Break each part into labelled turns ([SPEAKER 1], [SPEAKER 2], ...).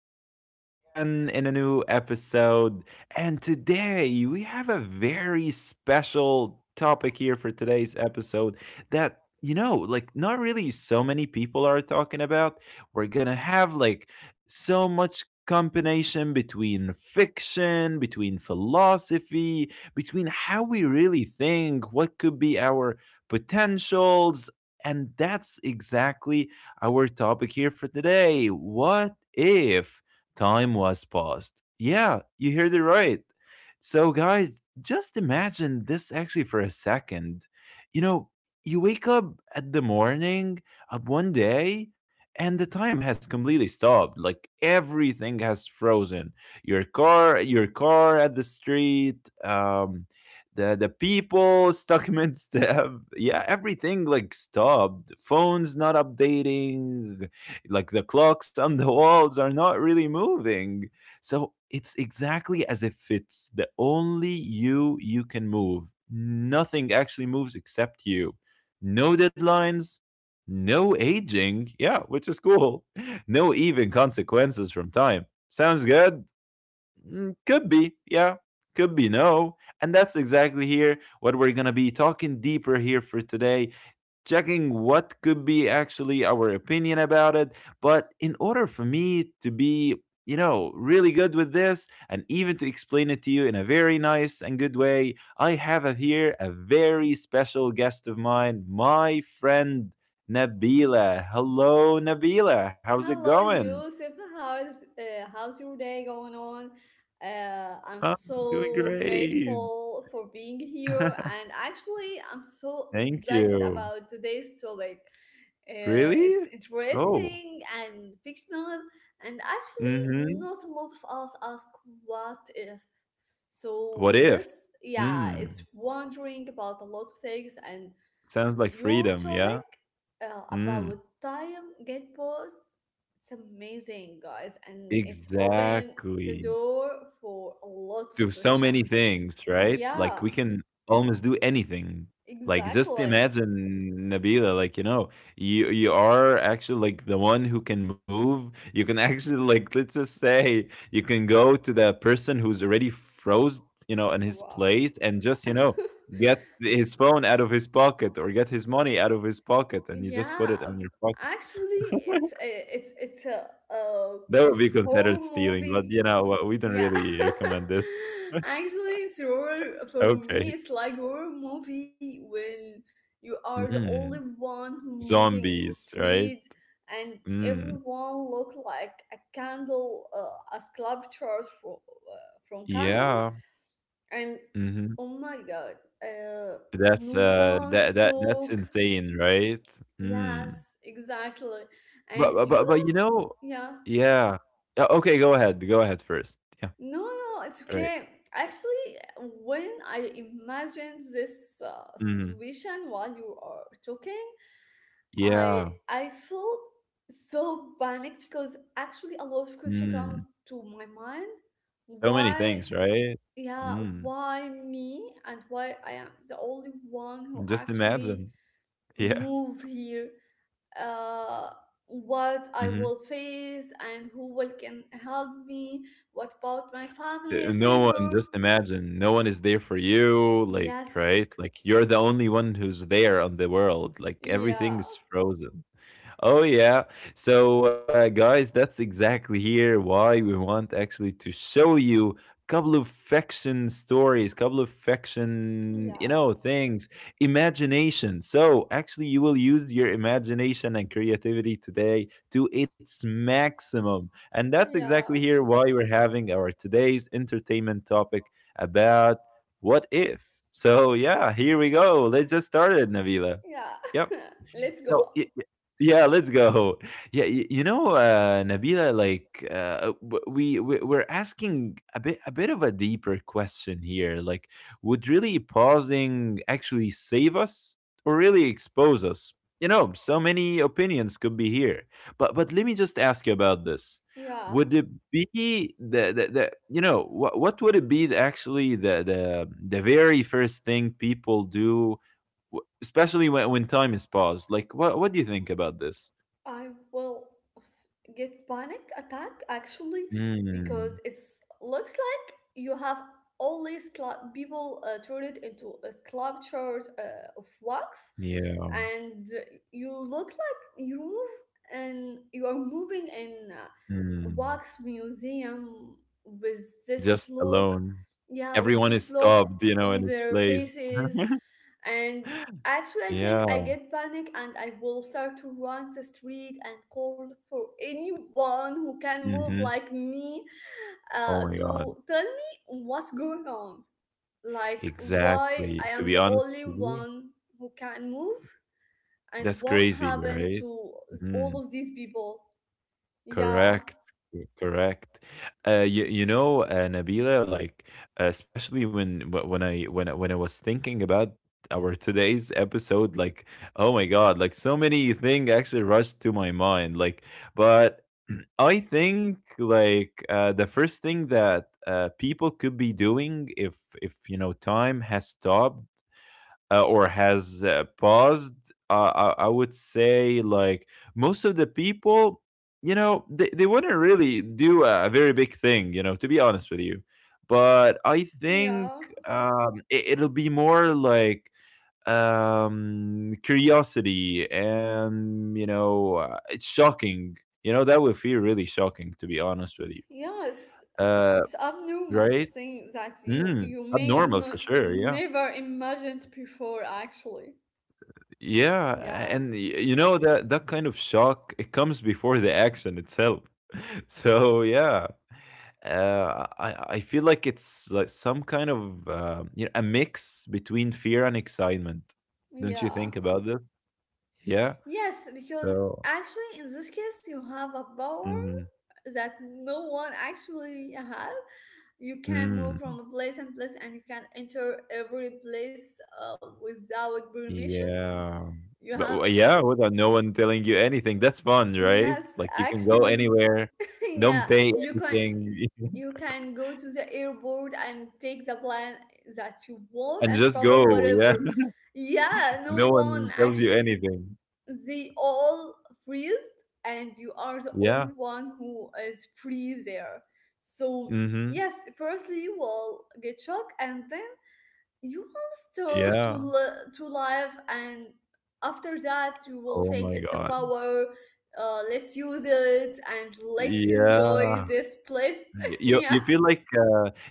[SPEAKER 1] back here and again in a new episode. And today we have a very special topic here for today's episode that like not really so many people are talking about. We're gonna have like so much combination between fiction, between philosophy, between how we really think what could be our potentials. And that's exactly our topic here for today. What if time was paused? Yeah, you heard it right. So, guys, just imagine this actually for a second. You know, you wake up at the morning of one day and the time has completely stopped, like everything has frozen. Your car, your car at the street, the people, documents they have, yeah, everything like stopped, phones not updating, like the clocks on the walls are not really moving. So it's exactly as if it's the only you you can move, nothing actually moves except you. No deadlines, no aging, yeah, which is cool. No, even consequences from time sounds good. Mm, could be, yeah. Could be no. And that's exactly here what we're going to be talking deeper here for today, checking what could be actually our opinion about it. But in order for me to be, really good with this and even to explain it to you in a very nice and good way, I have a, here a very special guest of mine, my friend Nabila. Hello, Nabila. How's it
[SPEAKER 2] Hello,
[SPEAKER 1] going?
[SPEAKER 2] Yusuf. How's how's your day going on? I'm
[SPEAKER 1] I'm doing
[SPEAKER 2] so
[SPEAKER 1] great.
[SPEAKER 2] grateful for being here, and actually, I'm so
[SPEAKER 1] Thank
[SPEAKER 2] excited
[SPEAKER 1] you.
[SPEAKER 2] about today's topic. It's
[SPEAKER 1] Really? Oh.
[SPEAKER 2] interesting and fictional, and actually,
[SPEAKER 1] Mhm.
[SPEAKER 2] not a lot of us ask what if. So
[SPEAKER 1] What if?
[SPEAKER 2] this, yeah, it's
[SPEAKER 1] Mm.
[SPEAKER 2] wondering about a lot of things, and
[SPEAKER 1] Sounds like
[SPEAKER 2] your
[SPEAKER 1] freedom, yeah?
[SPEAKER 2] topic about
[SPEAKER 1] Mm.
[SPEAKER 2] time get paused, it's amazing, guys, and it's opened the
[SPEAKER 1] Exactly.
[SPEAKER 2] door for a lot of
[SPEAKER 1] To so many
[SPEAKER 2] questions.
[SPEAKER 1] things, right?
[SPEAKER 2] Yeah,
[SPEAKER 1] Like we can almost do anything. Like
[SPEAKER 2] exactly.
[SPEAKER 1] just imagine, Nabila, like you are actually like the one who can move. You can actually, like, let's just say you can go to the person who's already froze, in his
[SPEAKER 2] Wow.
[SPEAKER 1] place and just, get his phone out of his pocket or get his money out of his pocket and you just put
[SPEAKER 2] Yeah,
[SPEAKER 1] it on your pocket.
[SPEAKER 2] actually it's a.
[SPEAKER 1] That would be
[SPEAKER 2] Horror
[SPEAKER 1] considered stealing, but
[SPEAKER 2] movie.
[SPEAKER 1] what, we don't
[SPEAKER 2] Yeah.
[SPEAKER 1] really recommend this.
[SPEAKER 2] Actually, it's horror for me.
[SPEAKER 1] Okay.
[SPEAKER 2] It's like horror movie when you are the only
[SPEAKER 1] Mhm.
[SPEAKER 2] one who moving in the
[SPEAKER 1] Zombies, right?
[SPEAKER 2] street, and
[SPEAKER 1] Mm,
[SPEAKER 2] everyone look like a candle, a sculpture from candles.
[SPEAKER 1] yeah,
[SPEAKER 2] And
[SPEAKER 1] mhm.
[SPEAKER 2] oh my god, uh,
[SPEAKER 1] That's,
[SPEAKER 2] no one to
[SPEAKER 1] that that's
[SPEAKER 2] talk.
[SPEAKER 1] insane, right? Mm.
[SPEAKER 2] Yes, exactly. And
[SPEAKER 1] But but
[SPEAKER 2] you
[SPEAKER 1] but but, you know
[SPEAKER 2] don't. Yeah.
[SPEAKER 1] yeah. Yeah, okay, go ahead first. Yeah,
[SPEAKER 2] No, no, it's
[SPEAKER 1] all right.
[SPEAKER 2] okay. Actually, when I imagined this
[SPEAKER 1] Mhm.
[SPEAKER 2] situation while you are talking, I
[SPEAKER 1] Yeah.
[SPEAKER 2] I felt so panicked because actually a lot of questions come
[SPEAKER 1] Mm.
[SPEAKER 2] to my mind.
[SPEAKER 1] So many
[SPEAKER 2] Why,
[SPEAKER 1] things, right?
[SPEAKER 2] yeah,
[SPEAKER 1] Mm.
[SPEAKER 2] why me, and why I am the only one who
[SPEAKER 1] Just
[SPEAKER 2] actually
[SPEAKER 1] imagine. Yeah.
[SPEAKER 2] move here? Uh, what I
[SPEAKER 1] Mhm.
[SPEAKER 2] will face, and who will can help me? What about my family's
[SPEAKER 1] No one,
[SPEAKER 2] member?
[SPEAKER 1] just imagine. No one is there for you, like,
[SPEAKER 2] Yes.
[SPEAKER 1] right? Like, you're the only one who's there on the world, like, everything
[SPEAKER 2] Yeah.
[SPEAKER 1] is frozen. Oh yeah. So guys, that's exactly here why we want actually to show you couple of fiction stories, couple of fiction,
[SPEAKER 2] Yeah.
[SPEAKER 1] things, imagination. So actually you will use your imagination and creativity today to its maximum. And that's exactly here
[SPEAKER 2] Yeah.
[SPEAKER 1] why we're having our today's entertainment topic about what if. So yeah, here we go. Let's just start it, Navila.
[SPEAKER 2] Yeah.
[SPEAKER 1] Yep.
[SPEAKER 2] Let's
[SPEAKER 1] So,
[SPEAKER 2] go.
[SPEAKER 1] y y yeah, let's go. Yeah, y Nabila, like, w we're asking a bit of a deeper question here. Like, would really pausing actually save us or really expose us? You know, so many opinions could be here. But let me just ask you about this. Would
[SPEAKER 2] Yeah.
[SPEAKER 1] it be the, you know, what would it be, actually, the very first thing people do? W Especially when time is paused. Like, what do you think about this?
[SPEAKER 2] I will get panic attack actually
[SPEAKER 1] Mm.
[SPEAKER 2] because it's looks like you have all these people turn it into a sculptures of wax,
[SPEAKER 1] Yeah.
[SPEAKER 2] and you look like you move and you are moving in
[SPEAKER 1] Mm.
[SPEAKER 2] wax museum with this
[SPEAKER 1] Just
[SPEAKER 2] look,
[SPEAKER 1] alone.
[SPEAKER 2] yeah, with
[SPEAKER 1] Everyone
[SPEAKER 2] this
[SPEAKER 1] is
[SPEAKER 2] look
[SPEAKER 1] stopped, you know,
[SPEAKER 2] on
[SPEAKER 1] in its
[SPEAKER 2] their
[SPEAKER 1] place.
[SPEAKER 2] faces, and actually I think I
[SPEAKER 1] Yeah.
[SPEAKER 2] get panic and I will start to run the street and call for anyone who can move
[SPEAKER 1] Mhm.
[SPEAKER 2] like me
[SPEAKER 1] Oh my god.
[SPEAKER 2] to tell me what's going on, like why
[SPEAKER 1] Exactly.
[SPEAKER 2] I
[SPEAKER 1] To
[SPEAKER 2] am
[SPEAKER 1] be
[SPEAKER 2] the
[SPEAKER 1] honest
[SPEAKER 2] only
[SPEAKER 1] with you,
[SPEAKER 2] one who can move, and
[SPEAKER 1] that's
[SPEAKER 2] what
[SPEAKER 1] crazy,
[SPEAKER 2] happened
[SPEAKER 1] right?
[SPEAKER 2] to all
[SPEAKER 1] Mhm.
[SPEAKER 2] of these people. Yeah,
[SPEAKER 1] Correct. Correct. Nabila, like especially when wh- when I when I- when I was thinking about our today's episode, like oh my God, like so many things actually rushed to my mind. Like, but I think like the first thing that people could be doing if you know time has stopped, or has paused, I would say, like, most of the people, they wouldn't really do a very big thing, you know, to be honest with you. But I think,
[SPEAKER 2] yeah.
[SPEAKER 1] it'll be more like curiosity and, you know, it's shocking. You know, that would feel really shocking, to be honest with you.
[SPEAKER 2] Yes,
[SPEAKER 1] Uh,
[SPEAKER 2] it's abnormal
[SPEAKER 1] right?
[SPEAKER 2] thing that you
[SPEAKER 1] Mm,
[SPEAKER 2] you may
[SPEAKER 1] abnormal for
[SPEAKER 2] not
[SPEAKER 1] sure. Yeah.
[SPEAKER 2] never imagined before actually.
[SPEAKER 1] Yeah,
[SPEAKER 2] Yeah.
[SPEAKER 1] and you know that that kind of shock, it comes before the action itself. So yeah, I feel like it's like some kind of you know, a mix between fear and excitement. Don't you
[SPEAKER 2] Yeah.
[SPEAKER 1] think about this? Yeah.
[SPEAKER 2] Yes, because
[SPEAKER 1] So.
[SPEAKER 2] actually in this case you have a power
[SPEAKER 1] Mhm.
[SPEAKER 2] that no one actually have. You can move
[SPEAKER 1] Mm,
[SPEAKER 2] from a place and place, and you can enter every place without permission.
[SPEAKER 1] yeah.
[SPEAKER 2] You have,
[SPEAKER 1] Yeah, without no one telling you anything, that's fun, right?
[SPEAKER 2] yes,
[SPEAKER 1] Like you can go
[SPEAKER 2] actually,
[SPEAKER 1] anywhere,
[SPEAKER 2] yeah,
[SPEAKER 1] don't pay
[SPEAKER 2] you can,
[SPEAKER 1] anything,
[SPEAKER 2] you can go to the airport and take the plan that you want
[SPEAKER 1] and
[SPEAKER 2] and
[SPEAKER 1] just
[SPEAKER 2] travel
[SPEAKER 1] go. Yeah.
[SPEAKER 2] wherever. Yeah, no
[SPEAKER 1] No
[SPEAKER 2] one
[SPEAKER 1] one tells you
[SPEAKER 2] actually,
[SPEAKER 1] anything.
[SPEAKER 2] they all freeze, and you are the
[SPEAKER 1] Yeah.
[SPEAKER 2] only one who is free there. So
[SPEAKER 1] Mhm.
[SPEAKER 2] yes, firstly you will get shocked, and then you will start to,
[SPEAKER 1] Yeah.
[SPEAKER 2] to live, and after that you will
[SPEAKER 1] Oh
[SPEAKER 2] think
[SPEAKER 1] my
[SPEAKER 2] it's a
[SPEAKER 1] god.
[SPEAKER 2] power. Let's use it and let's enjoy
[SPEAKER 1] Yeah.
[SPEAKER 2] this place.
[SPEAKER 1] Y You
[SPEAKER 2] Yeah,
[SPEAKER 1] feel like,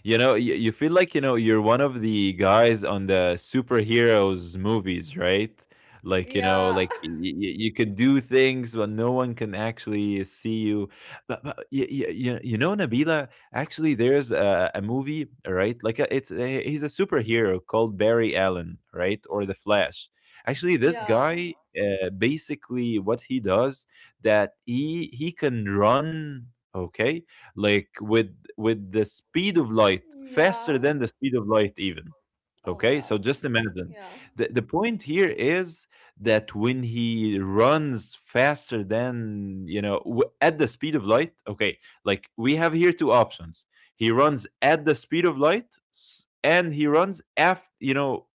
[SPEAKER 1] You feel like, you know, you're one of the guys on the superheroes movies, right? Like, you know,
[SPEAKER 2] yeah,
[SPEAKER 1] like you can do things, but no one can actually see you. But, you know, Nabila, actually, a movie, right? Like, he's a superhero called Barry Allen, right? Or The Flash. Actually, this
[SPEAKER 2] yeah,
[SPEAKER 1] guy, basically, what he does, that he can run, okay, like with the speed of light,
[SPEAKER 2] yeah,
[SPEAKER 1] faster than the speed of light even,
[SPEAKER 2] oh my
[SPEAKER 1] okay.
[SPEAKER 2] god,
[SPEAKER 1] So just imagine,
[SPEAKER 2] yeah,
[SPEAKER 1] the point here is that when he runs faster than, you know, at the speed of light, okay, like we have here two options. He runs at the speed of light, and he runs, after, you know,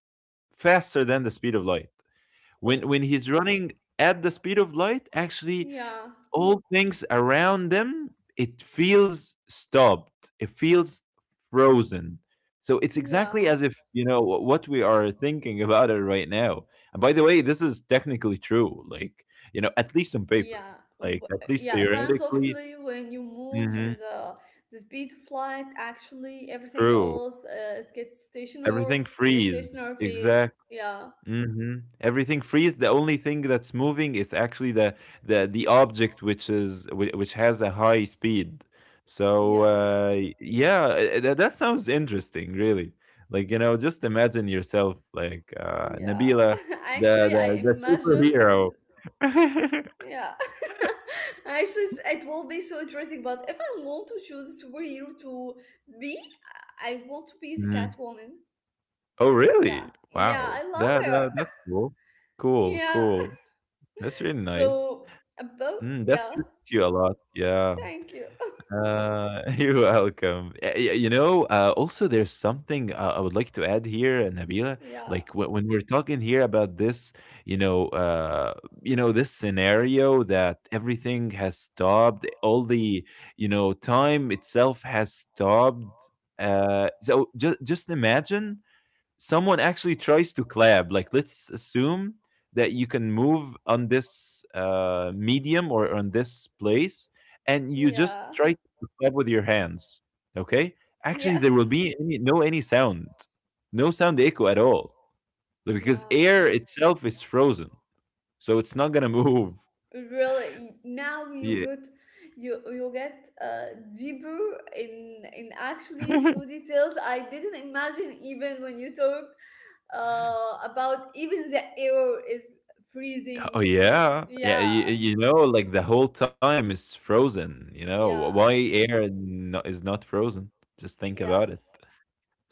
[SPEAKER 1] faster than the speed of light. when
[SPEAKER 2] oh,
[SPEAKER 1] when he's running at the speed of light, actually,
[SPEAKER 2] yeah,
[SPEAKER 1] all things around them, it feels stopped. It feels frozen. So it's
[SPEAKER 2] yeah,
[SPEAKER 1] exactly as if, you know, what we are thinking about it right now. And by the way, this is technically true, like, you know, at least on paper,
[SPEAKER 2] yeah.
[SPEAKER 1] like, at least
[SPEAKER 2] Yeah,
[SPEAKER 1] theoretically,
[SPEAKER 2] scientifically when you move in
[SPEAKER 1] hmm,
[SPEAKER 2] the speed of light, actually everything
[SPEAKER 1] true.
[SPEAKER 2] else is gets stationary
[SPEAKER 1] Everything
[SPEAKER 2] in a
[SPEAKER 1] freezes.
[SPEAKER 2] stationary phase.
[SPEAKER 1] Exactly.
[SPEAKER 2] Yeah,
[SPEAKER 1] Mhm. Everything freeze. The only thing that's moving is actually the object which is, which has a high speed. So
[SPEAKER 2] yeah.
[SPEAKER 1] yeah, that, sounds interesting, really. Like, you know, just imagine yourself like,
[SPEAKER 2] Yeah,
[SPEAKER 1] Nabila,
[SPEAKER 2] actually, I
[SPEAKER 1] the
[SPEAKER 2] imagined, and
[SPEAKER 1] superhero.
[SPEAKER 2] yeah, actually, it will be so interesting. But if I want to choose a superhero to be, I want to be the
[SPEAKER 1] Mhm.
[SPEAKER 2] Catwoman.
[SPEAKER 1] Oh really?
[SPEAKER 2] Yeah, yeah,
[SPEAKER 1] Wow.
[SPEAKER 2] I love
[SPEAKER 1] That,
[SPEAKER 2] her.
[SPEAKER 1] that that's cool. Cool,
[SPEAKER 2] Yeah,
[SPEAKER 1] cool. That's really nice.
[SPEAKER 2] so about,
[SPEAKER 1] Mm, that
[SPEAKER 2] yeah,
[SPEAKER 1] suits you a lot. Yeah.
[SPEAKER 2] thank you.
[SPEAKER 1] You're welcome. You know, also there's something I would like to add here, Nabila.
[SPEAKER 2] Yeah,
[SPEAKER 1] Like when we're talking here about this, you know, uh, you know, this scenario that everything has stopped, all the, you know, time itself has stopped. So just imagine someone actually tries to collab, like, let's assume that you can move on this medium or on this place, and you just
[SPEAKER 2] yeah,
[SPEAKER 1] try to collab with your hands, okay. Actually, there will
[SPEAKER 2] yes,
[SPEAKER 1] be any, no any sound, no sound echo at all, like, because
[SPEAKER 2] yeah.
[SPEAKER 1] air itself is frozen, so it's not gonna move,
[SPEAKER 2] Really now you
[SPEAKER 1] yeah.
[SPEAKER 2] get, you get deeper in actually so details I didn't imagine even when you talked about even the air is freezing.
[SPEAKER 1] Oh yeah, yeah.
[SPEAKER 2] Yeah,
[SPEAKER 1] You know, like, the whole time is frozen, you know why
[SPEAKER 2] yeah,
[SPEAKER 1] air is not frozen? Just think about it.
[SPEAKER 2] yes.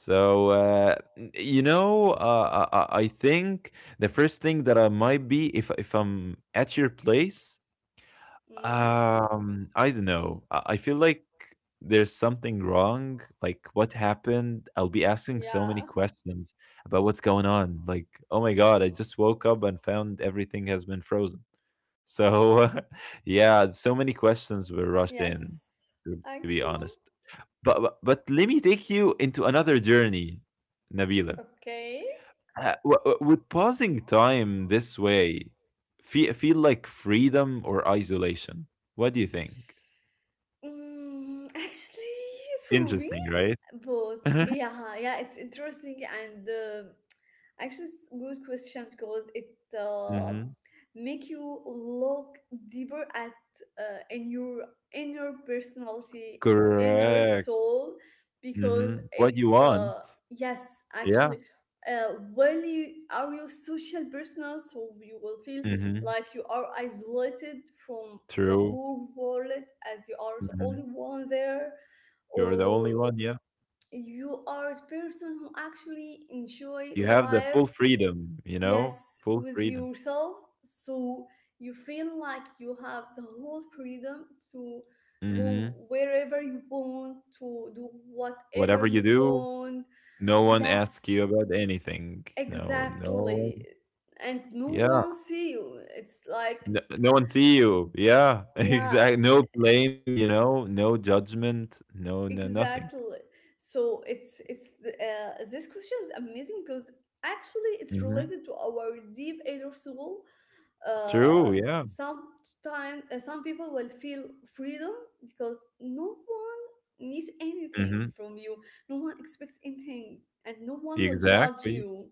[SPEAKER 1] So, you know, I think the first thing that I might be if I'm at your place,
[SPEAKER 2] Mm,
[SPEAKER 1] I don't know. I feel like there's something wrong. Like, what happened? I'll be asking so many
[SPEAKER 2] yeah.
[SPEAKER 1] questions about what's going on. Like, oh my God, I just woke up and found everything has been frozen. So, yeah, so many questions were rushed in,
[SPEAKER 2] Yes,
[SPEAKER 1] to, to be honest.
[SPEAKER 2] actually,
[SPEAKER 1] But, but let me take you into another journey, Nabila.
[SPEAKER 2] okay.
[SPEAKER 1] Would pausing time this way feel like freedom or isolation? What do you think?
[SPEAKER 2] Mm, actually, for me,
[SPEAKER 1] Interesting, right?
[SPEAKER 2] both. Yeah, yeah, it's interesting and actually it's good question because it
[SPEAKER 1] Hmm.
[SPEAKER 2] make you look deeper at in your inner personality, your inner
[SPEAKER 1] Correct.
[SPEAKER 2] soul, because
[SPEAKER 1] Hmm. What
[SPEAKER 2] it
[SPEAKER 1] you want?
[SPEAKER 2] yes, actually,
[SPEAKER 1] Yeah.
[SPEAKER 2] when you are your social personal, so you will feel
[SPEAKER 1] Hmm.
[SPEAKER 2] like you are isolated from the
[SPEAKER 1] True.
[SPEAKER 2] whole world as you are the only
[SPEAKER 1] Hmm.
[SPEAKER 2] one there,
[SPEAKER 1] You're the
[SPEAKER 2] or
[SPEAKER 1] only one. Yeah.
[SPEAKER 2] you are the person who actually enjoy
[SPEAKER 1] You have the full
[SPEAKER 2] life.
[SPEAKER 1] freedom. You know,
[SPEAKER 2] Yes,
[SPEAKER 1] full
[SPEAKER 2] with
[SPEAKER 1] freedom.
[SPEAKER 2] yourself, so you feel like you have the whole freedom to go
[SPEAKER 1] Hmm.
[SPEAKER 2] wherever you want, to do whatever
[SPEAKER 1] Whatever you
[SPEAKER 2] you
[SPEAKER 1] do,
[SPEAKER 2] want.
[SPEAKER 1] no one asks
[SPEAKER 2] Yes,
[SPEAKER 1] you about anything. No, no
[SPEAKER 2] exactly,
[SPEAKER 1] one.
[SPEAKER 2] and no
[SPEAKER 1] Yeah,
[SPEAKER 2] one see you. It's like,
[SPEAKER 1] no one see you, yeah,
[SPEAKER 2] yeah.
[SPEAKER 1] exactly. No blame, you know, no judgment, no nothing.
[SPEAKER 2] Exactly. So it's this question is amazing because actually it's
[SPEAKER 1] Mhm.
[SPEAKER 2] related to our deep inner soul. Uh,
[SPEAKER 1] True, yeah,
[SPEAKER 2] Sometime some people will feel freedom because no one needs anything
[SPEAKER 1] mhm,
[SPEAKER 2] from you. No one expects anything, and no one will judge
[SPEAKER 1] exactly,
[SPEAKER 2] you.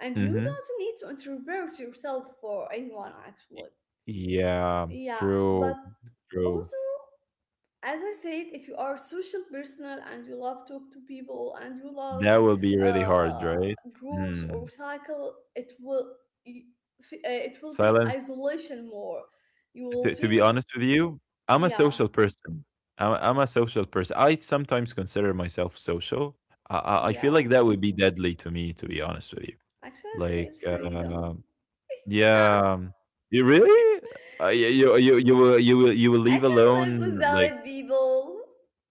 [SPEAKER 2] And you
[SPEAKER 1] mhm.
[SPEAKER 2] don't need to interpret yourself for anyone actually.
[SPEAKER 1] Yeah,
[SPEAKER 2] Yeah, but
[SPEAKER 1] true, true.
[SPEAKER 2] also as I said, if you are social personal and you love talk to people and you love
[SPEAKER 1] That will be really hard,
[SPEAKER 2] uh,
[SPEAKER 1] right?
[SPEAKER 2] groups or
[SPEAKER 1] Mm.
[SPEAKER 2] cycle, it will, y- it will be
[SPEAKER 1] Silence.
[SPEAKER 2] isolation more. You will
[SPEAKER 1] To be
[SPEAKER 2] feel,
[SPEAKER 1] honest with you, I'm a
[SPEAKER 2] yeah,
[SPEAKER 1] social person. I'm a social person. I sometimes consider myself social. I feel
[SPEAKER 2] yeah.
[SPEAKER 1] like that would be deadly to me, to be honest with you.
[SPEAKER 2] Actually, I
[SPEAKER 1] Like,
[SPEAKER 2] feel freedom. Yeah,
[SPEAKER 1] yeah, you really, uh, you, you will
[SPEAKER 2] I
[SPEAKER 1] leave
[SPEAKER 2] can
[SPEAKER 1] alone
[SPEAKER 2] live
[SPEAKER 1] like.
[SPEAKER 2] without people.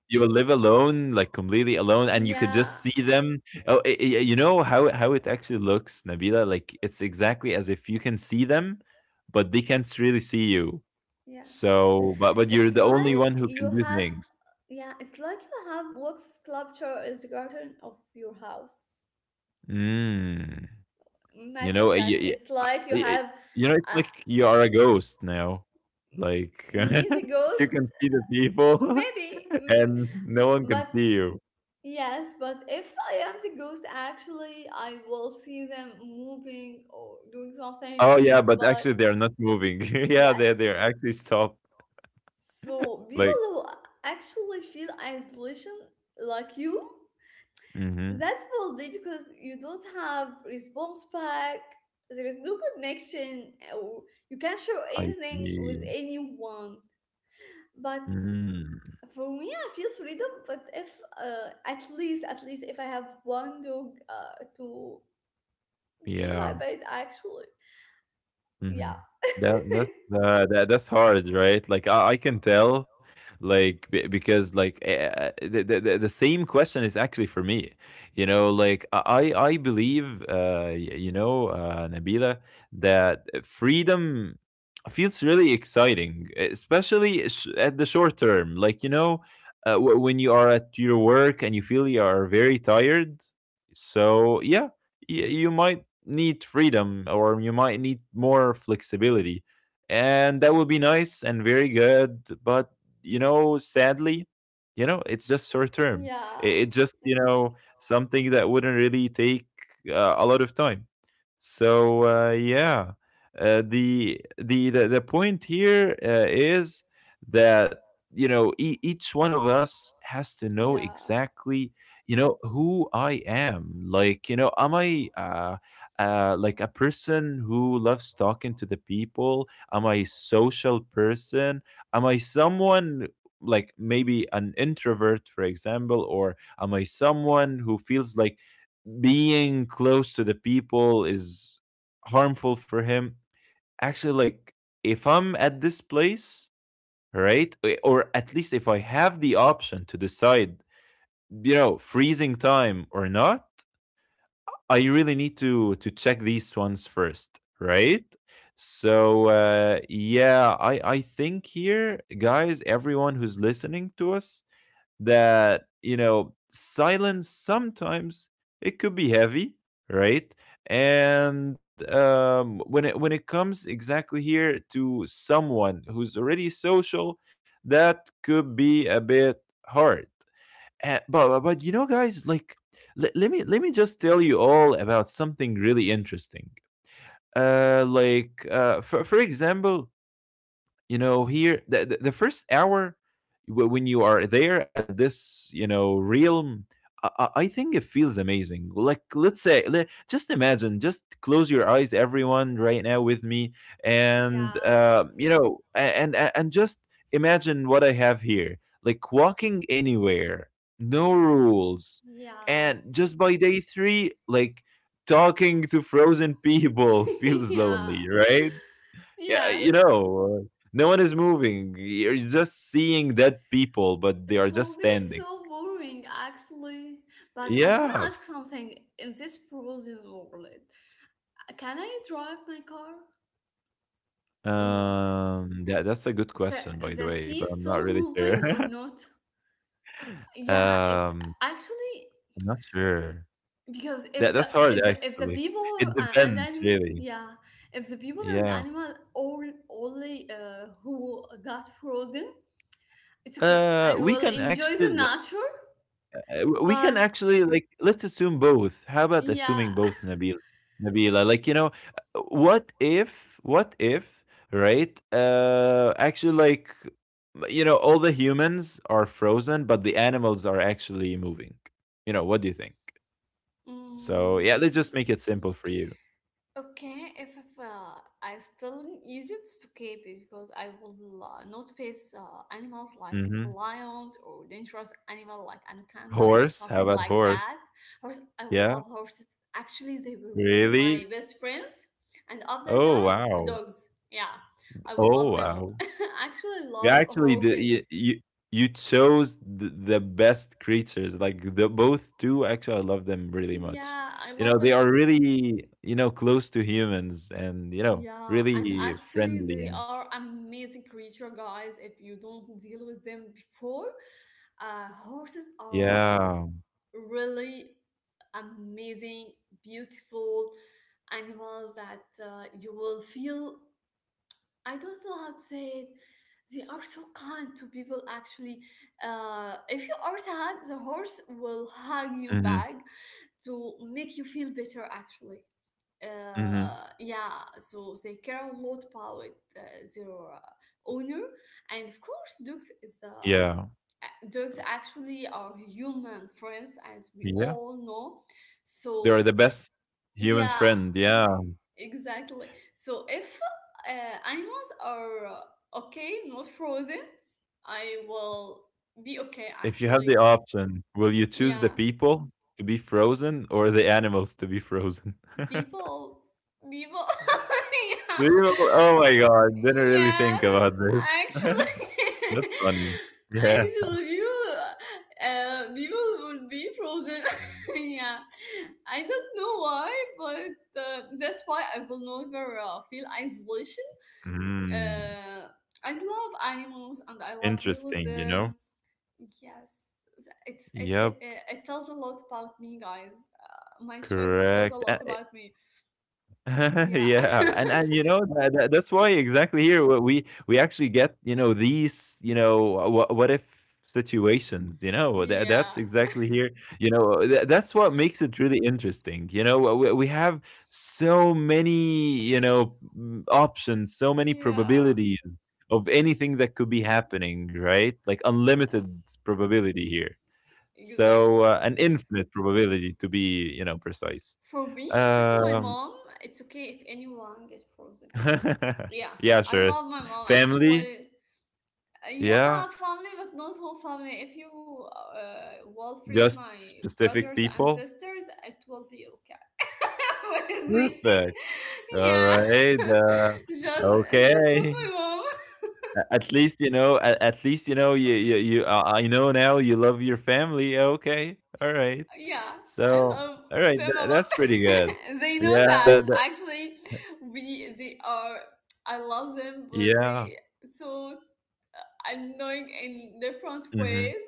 [SPEAKER 1] You will live alone, like completely alone, and you could
[SPEAKER 2] Yeah.
[SPEAKER 1] just see them. Oh, you know how it actually looks, Nabila. Like it's exactly as if you can see them, but they can't really see you.
[SPEAKER 2] Yes.
[SPEAKER 1] So, but you're
[SPEAKER 2] It's
[SPEAKER 1] the only
[SPEAKER 2] like
[SPEAKER 1] one who can
[SPEAKER 2] you
[SPEAKER 1] do
[SPEAKER 2] have,
[SPEAKER 1] things.
[SPEAKER 2] yeah, it's like you have Vox sculpture is garden of your house.
[SPEAKER 1] Mm. You
[SPEAKER 2] Imagine
[SPEAKER 1] know,
[SPEAKER 2] that.
[SPEAKER 1] you,
[SPEAKER 2] It's like you
[SPEAKER 1] you
[SPEAKER 2] have
[SPEAKER 1] know, it's
[SPEAKER 2] uh,
[SPEAKER 1] like you are a ghost now. Like
[SPEAKER 2] me the
[SPEAKER 1] you
[SPEAKER 2] ghost,
[SPEAKER 1] can see the people,
[SPEAKER 2] maybe. Mm.
[SPEAKER 1] and no one can
[SPEAKER 2] But
[SPEAKER 1] see you.
[SPEAKER 2] yes, but if I am the ghost, actually, I will see them moving or doing
[SPEAKER 1] Oh
[SPEAKER 2] something.
[SPEAKER 1] yeah, but
[SPEAKER 2] But
[SPEAKER 1] actually they're not moving. Yeah, they're
[SPEAKER 2] yes,
[SPEAKER 1] actually stopped.
[SPEAKER 2] so people
[SPEAKER 1] Like,
[SPEAKER 2] who actually feel isolation like you,
[SPEAKER 1] hmm
[SPEAKER 2] that will be because you don't have response back. There is no connection. Or you can't share
[SPEAKER 1] I
[SPEAKER 2] anything with
[SPEAKER 1] see.
[SPEAKER 2] anyone. But
[SPEAKER 1] Mm,
[SPEAKER 2] for me, I feel freedom, but if at least, at least if I have one dog to be my
[SPEAKER 1] yeah.
[SPEAKER 2] bed, actually, yeah,
[SPEAKER 1] Mhm. That that's that's hard, right? Like I can tell, like because the same question is actually for me, you know. Like I believe, you know, Nabila, that freedom feels really exciting, especially at the short term. Like you know, when you are at your work and you feel you are very tired. So yeah, y- you might need freedom or you might need more flexibility. And that will be nice and very good. But, you know, sadly, you know, it's just short term.
[SPEAKER 2] yeah,
[SPEAKER 1] It just, you know,
[SPEAKER 2] exactly,
[SPEAKER 1] something that wouldn't really take a lot of time. So, yeah. The point here is that you know each one of us has to know
[SPEAKER 2] yeah,
[SPEAKER 1] exactly you know who I am. Like, you know, am I like a person who loves talking to the people? Am I a social person? Am I someone like maybe an introvert, for example? Or am I someone who feels like being close to the people is harmful for him, actually? Like, if I'm at this place, right, or at least if I have the option to decide, you know, freezing time or not, I really need to check these ones first, right? So yeah, I think here, guys, everyone who's listening to us, that you know, silence sometimes it could be heavy, right? And when it comes exactly here to someone who's already social, that could be a bit hard, but you know, guys, like let me just tell you all about something really interesting. For example, you know, here the first hour, when you are there at this, you know, realm, I think it feels amazing. Like let's say, just imagine, just close your eyes, everyone, right now with me, and
[SPEAKER 2] yeah,
[SPEAKER 1] you know, and just imagine what I have here, like walking anywhere, no rules.
[SPEAKER 2] yeah,
[SPEAKER 1] And just by day three, like talking to frozen people feels
[SPEAKER 2] yeah,
[SPEAKER 1] lonely, right? Yeah, you
[SPEAKER 2] yes.
[SPEAKER 1] know, no one is moving. You're just seeing dead people, but they
[SPEAKER 2] It
[SPEAKER 1] are just
[SPEAKER 2] will be
[SPEAKER 1] standing.
[SPEAKER 2] so boring, actually. But I want to
[SPEAKER 1] Yeah.
[SPEAKER 2] ask something in this frozen world. Can I drive my car or not?
[SPEAKER 1] Yeah, that's a good
[SPEAKER 2] The,
[SPEAKER 1] question, by the
[SPEAKER 2] the
[SPEAKER 1] way, but
[SPEAKER 2] sea
[SPEAKER 1] I'm
[SPEAKER 2] is
[SPEAKER 1] not
[SPEAKER 2] still
[SPEAKER 1] really sure.
[SPEAKER 2] moving or not? Yeah, it's
[SPEAKER 1] Um,
[SPEAKER 2] actually
[SPEAKER 1] I'm not sure.
[SPEAKER 2] because if
[SPEAKER 1] That
[SPEAKER 2] the
[SPEAKER 1] that's hard
[SPEAKER 2] is if the
[SPEAKER 1] actually.
[SPEAKER 2] people
[SPEAKER 1] It
[SPEAKER 2] and
[SPEAKER 1] depends,
[SPEAKER 2] animal,
[SPEAKER 1] really.
[SPEAKER 2] yeah, if the people and
[SPEAKER 1] Yeah.
[SPEAKER 2] animal all only who got frozen, it's okay. I
[SPEAKER 1] We
[SPEAKER 2] will
[SPEAKER 1] can
[SPEAKER 2] enjoy the
[SPEAKER 1] actually
[SPEAKER 2] nature,
[SPEAKER 1] W we
[SPEAKER 2] but
[SPEAKER 1] can actually, like, let's assume both. How about
[SPEAKER 2] yeah.
[SPEAKER 1] assuming both, Nabil? Nabila, like, you know, what if, right? Actually, like, you know, all the humans are frozen, but the animals are actually moving. You know, what do you think? So, yeah,
[SPEAKER 2] Mm.
[SPEAKER 1] let's just make it simple for you.
[SPEAKER 2] Okay, if I still in Egypt, it's okay because I will not face animals like
[SPEAKER 1] Mm-hmm.
[SPEAKER 2] lions or dangerous animal like anaconda or
[SPEAKER 1] Horse?
[SPEAKER 2] something
[SPEAKER 1] How about
[SPEAKER 2] like
[SPEAKER 1] horse?
[SPEAKER 2] that. Horse, I will love
[SPEAKER 1] Yeah,
[SPEAKER 2] horses. Actually, they will be my
[SPEAKER 1] really?
[SPEAKER 2] best friends. And after
[SPEAKER 1] Oh,
[SPEAKER 2] that,
[SPEAKER 1] wow.
[SPEAKER 2] dogs. Yeah, I would
[SPEAKER 1] Oh,
[SPEAKER 2] love them.
[SPEAKER 1] wow.
[SPEAKER 2] Actually,
[SPEAKER 1] You
[SPEAKER 2] love
[SPEAKER 1] actually did.
[SPEAKER 2] horsing.
[SPEAKER 1] You chose the best creatures. Like the both two, actually, I love them really much.
[SPEAKER 2] Yeah, I
[SPEAKER 1] You know,
[SPEAKER 2] love
[SPEAKER 1] they
[SPEAKER 2] them.
[SPEAKER 1] are really, you know, close to humans, and you know,
[SPEAKER 2] Yeah, and
[SPEAKER 1] really
[SPEAKER 2] actually,
[SPEAKER 1] friendly
[SPEAKER 2] they
[SPEAKER 1] and
[SPEAKER 2] are amazing creature, guys. If you don't deal with them before, horses are
[SPEAKER 1] yeah.
[SPEAKER 2] really amazing, beautiful animals that you will feel. I don't know how to say it. They are so kind to people. Actually, if you are sad, the horse will hug you
[SPEAKER 1] hmm
[SPEAKER 2] back to make you feel better. Actually
[SPEAKER 1] hmm
[SPEAKER 2] yeah, so they carry a lot about their owner, and of course, dogs is the
[SPEAKER 1] Yeah.
[SPEAKER 2] dogs actually are human friends, as we
[SPEAKER 1] Yeah.
[SPEAKER 2] all know.
[SPEAKER 1] They
[SPEAKER 2] So
[SPEAKER 1] are the best human
[SPEAKER 2] yeah,
[SPEAKER 1] friend. Yeah.
[SPEAKER 2] exactly. So if animals are okay, not frozen, I will be okay.
[SPEAKER 1] If you have
[SPEAKER 2] Actually,
[SPEAKER 1] the option, will you choose the
[SPEAKER 2] yeah,
[SPEAKER 1] people to be frozen or the animals to be frozen?
[SPEAKER 2] people, people, yeah.
[SPEAKER 1] Do you- oh my god! Didn't really think
[SPEAKER 2] Yes,
[SPEAKER 1] about this.
[SPEAKER 2] actually,
[SPEAKER 1] That's funny. Yeah.
[SPEAKER 2] actually, people, people would be frozen. Yeah, I don't know why, but that's why I will never feel isolation.
[SPEAKER 1] Mm.
[SPEAKER 2] Uh, I love animals and I love deal with
[SPEAKER 1] Interesting, you know?
[SPEAKER 2] them. Yes, it's it
[SPEAKER 1] Yep,
[SPEAKER 2] it, it tells a lot about me, guys. My choices tells a
[SPEAKER 1] correct.
[SPEAKER 2] lot
[SPEAKER 1] A
[SPEAKER 2] about me. Yeah,
[SPEAKER 1] Yeah, and you know, that that's why exactly here, w we actually get, you know, these, you know, what if situations, you know? That that's
[SPEAKER 2] yeah,
[SPEAKER 1] exactly here, you know, that's what makes it really interesting, you know? We have so many, you know, mm, options, so many
[SPEAKER 2] yeah.
[SPEAKER 1] probabilities of anything that could be happening, right? Like, unlimited
[SPEAKER 2] Yes.
[SPEAKER 1] probability here. So,
[SPEAKER 2] Exactly.
[SPEAKER 1] an infinite probability to be, you know, precise.
[SPEAKER 2] For me, except to my
[SPEAKER 1] Um,
[SPEAKER 2] mom, it's okay if anyone gets frozen. Yeah,
[SPEAKER 1] yeah,
[SPEAKER 2] I
[SPEAKER 1] sure.
[SPEAKER 2] love my mom
[SPEAKER 1] Family,
[SPEAKER 2] actually. Yeah,
[SPEAKER 1] yeah,
[SPEAKER 2] family, but not whole family. If you will freeze my
[SPEAKER 1] just
[SPEAKER 2] brothers
[SPEAKER 1] specific
[SPEAKER 2] and
[SPEAKER 1] people.
[SPEAKER 2] sisters, it will be okay with me.
[SPEAKER 1] Perfect.
[SPEAKER 2] Yeah,
[SPEAKER 1] All right.
[SPEAKER 2] just just not my
[SPEAKER 1] Okay.
[SPEAKER 2] mom.
[SPEAKER 1] At least you know. At least you know. You you you. I know now. You love your family. Okay. All right.
[SPEAKER 2] Yeah, I
[SPEAKER 1] So,
[SPEAKER 2] love
[SPEAKER 1] all right.
[SPEAKER 2] them a lot.
[SPEAKER 1] That's pretty good.
[SPEAKER 2] They know
[SPEAKER 1] Yeah.
[SPEAKER 2] that
[SPEAKER 1] That,
[SPEAKER 2] actually we they are, I love them but
[SPEAKER 1] yeah.
[SPEAKER 2] they so annoying in different
[SPEAKER 1] hmm
[SPEAKER 2] ways.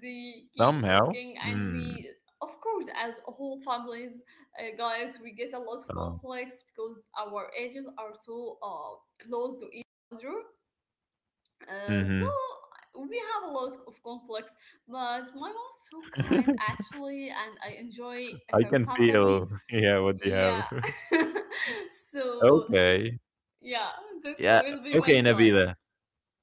[SPEAKER 2] They keep
[SPEAKER 1] Somehow.
[SPEAKER 2] talking, and
[SPEAKER 1] Mm.
[SPEAKER 2] we of course as whole families, guys, we get a lot of
[SPEAKER 1] Um,
[SPEAKER 2] conflicts because our ages are so close to each other, so
[SPEAKER 1] mhm.
[SPEAKER 2] we have a lot of conflicts, but my mom's so kind actually, and I enjoy
[SPEAKER 1] I
[SPEAKER 2] her
[SPEAKER 1] can
[SPEAKER 2] company.
[SPEAKER 1] feel, yeah, what they have.
[SPEAKER 2] Yeah. So
[SPEAKER 1] Okay.
[SPEAKER 2] yeah, this
[SPEAKER 1] Yeah.
[SPEAKER 2] will be
[SPEAKER 1] Okay,
[SPEAKER 2] my
[SPEAKER 1] Nabila.
[SPEAKER 2] choice.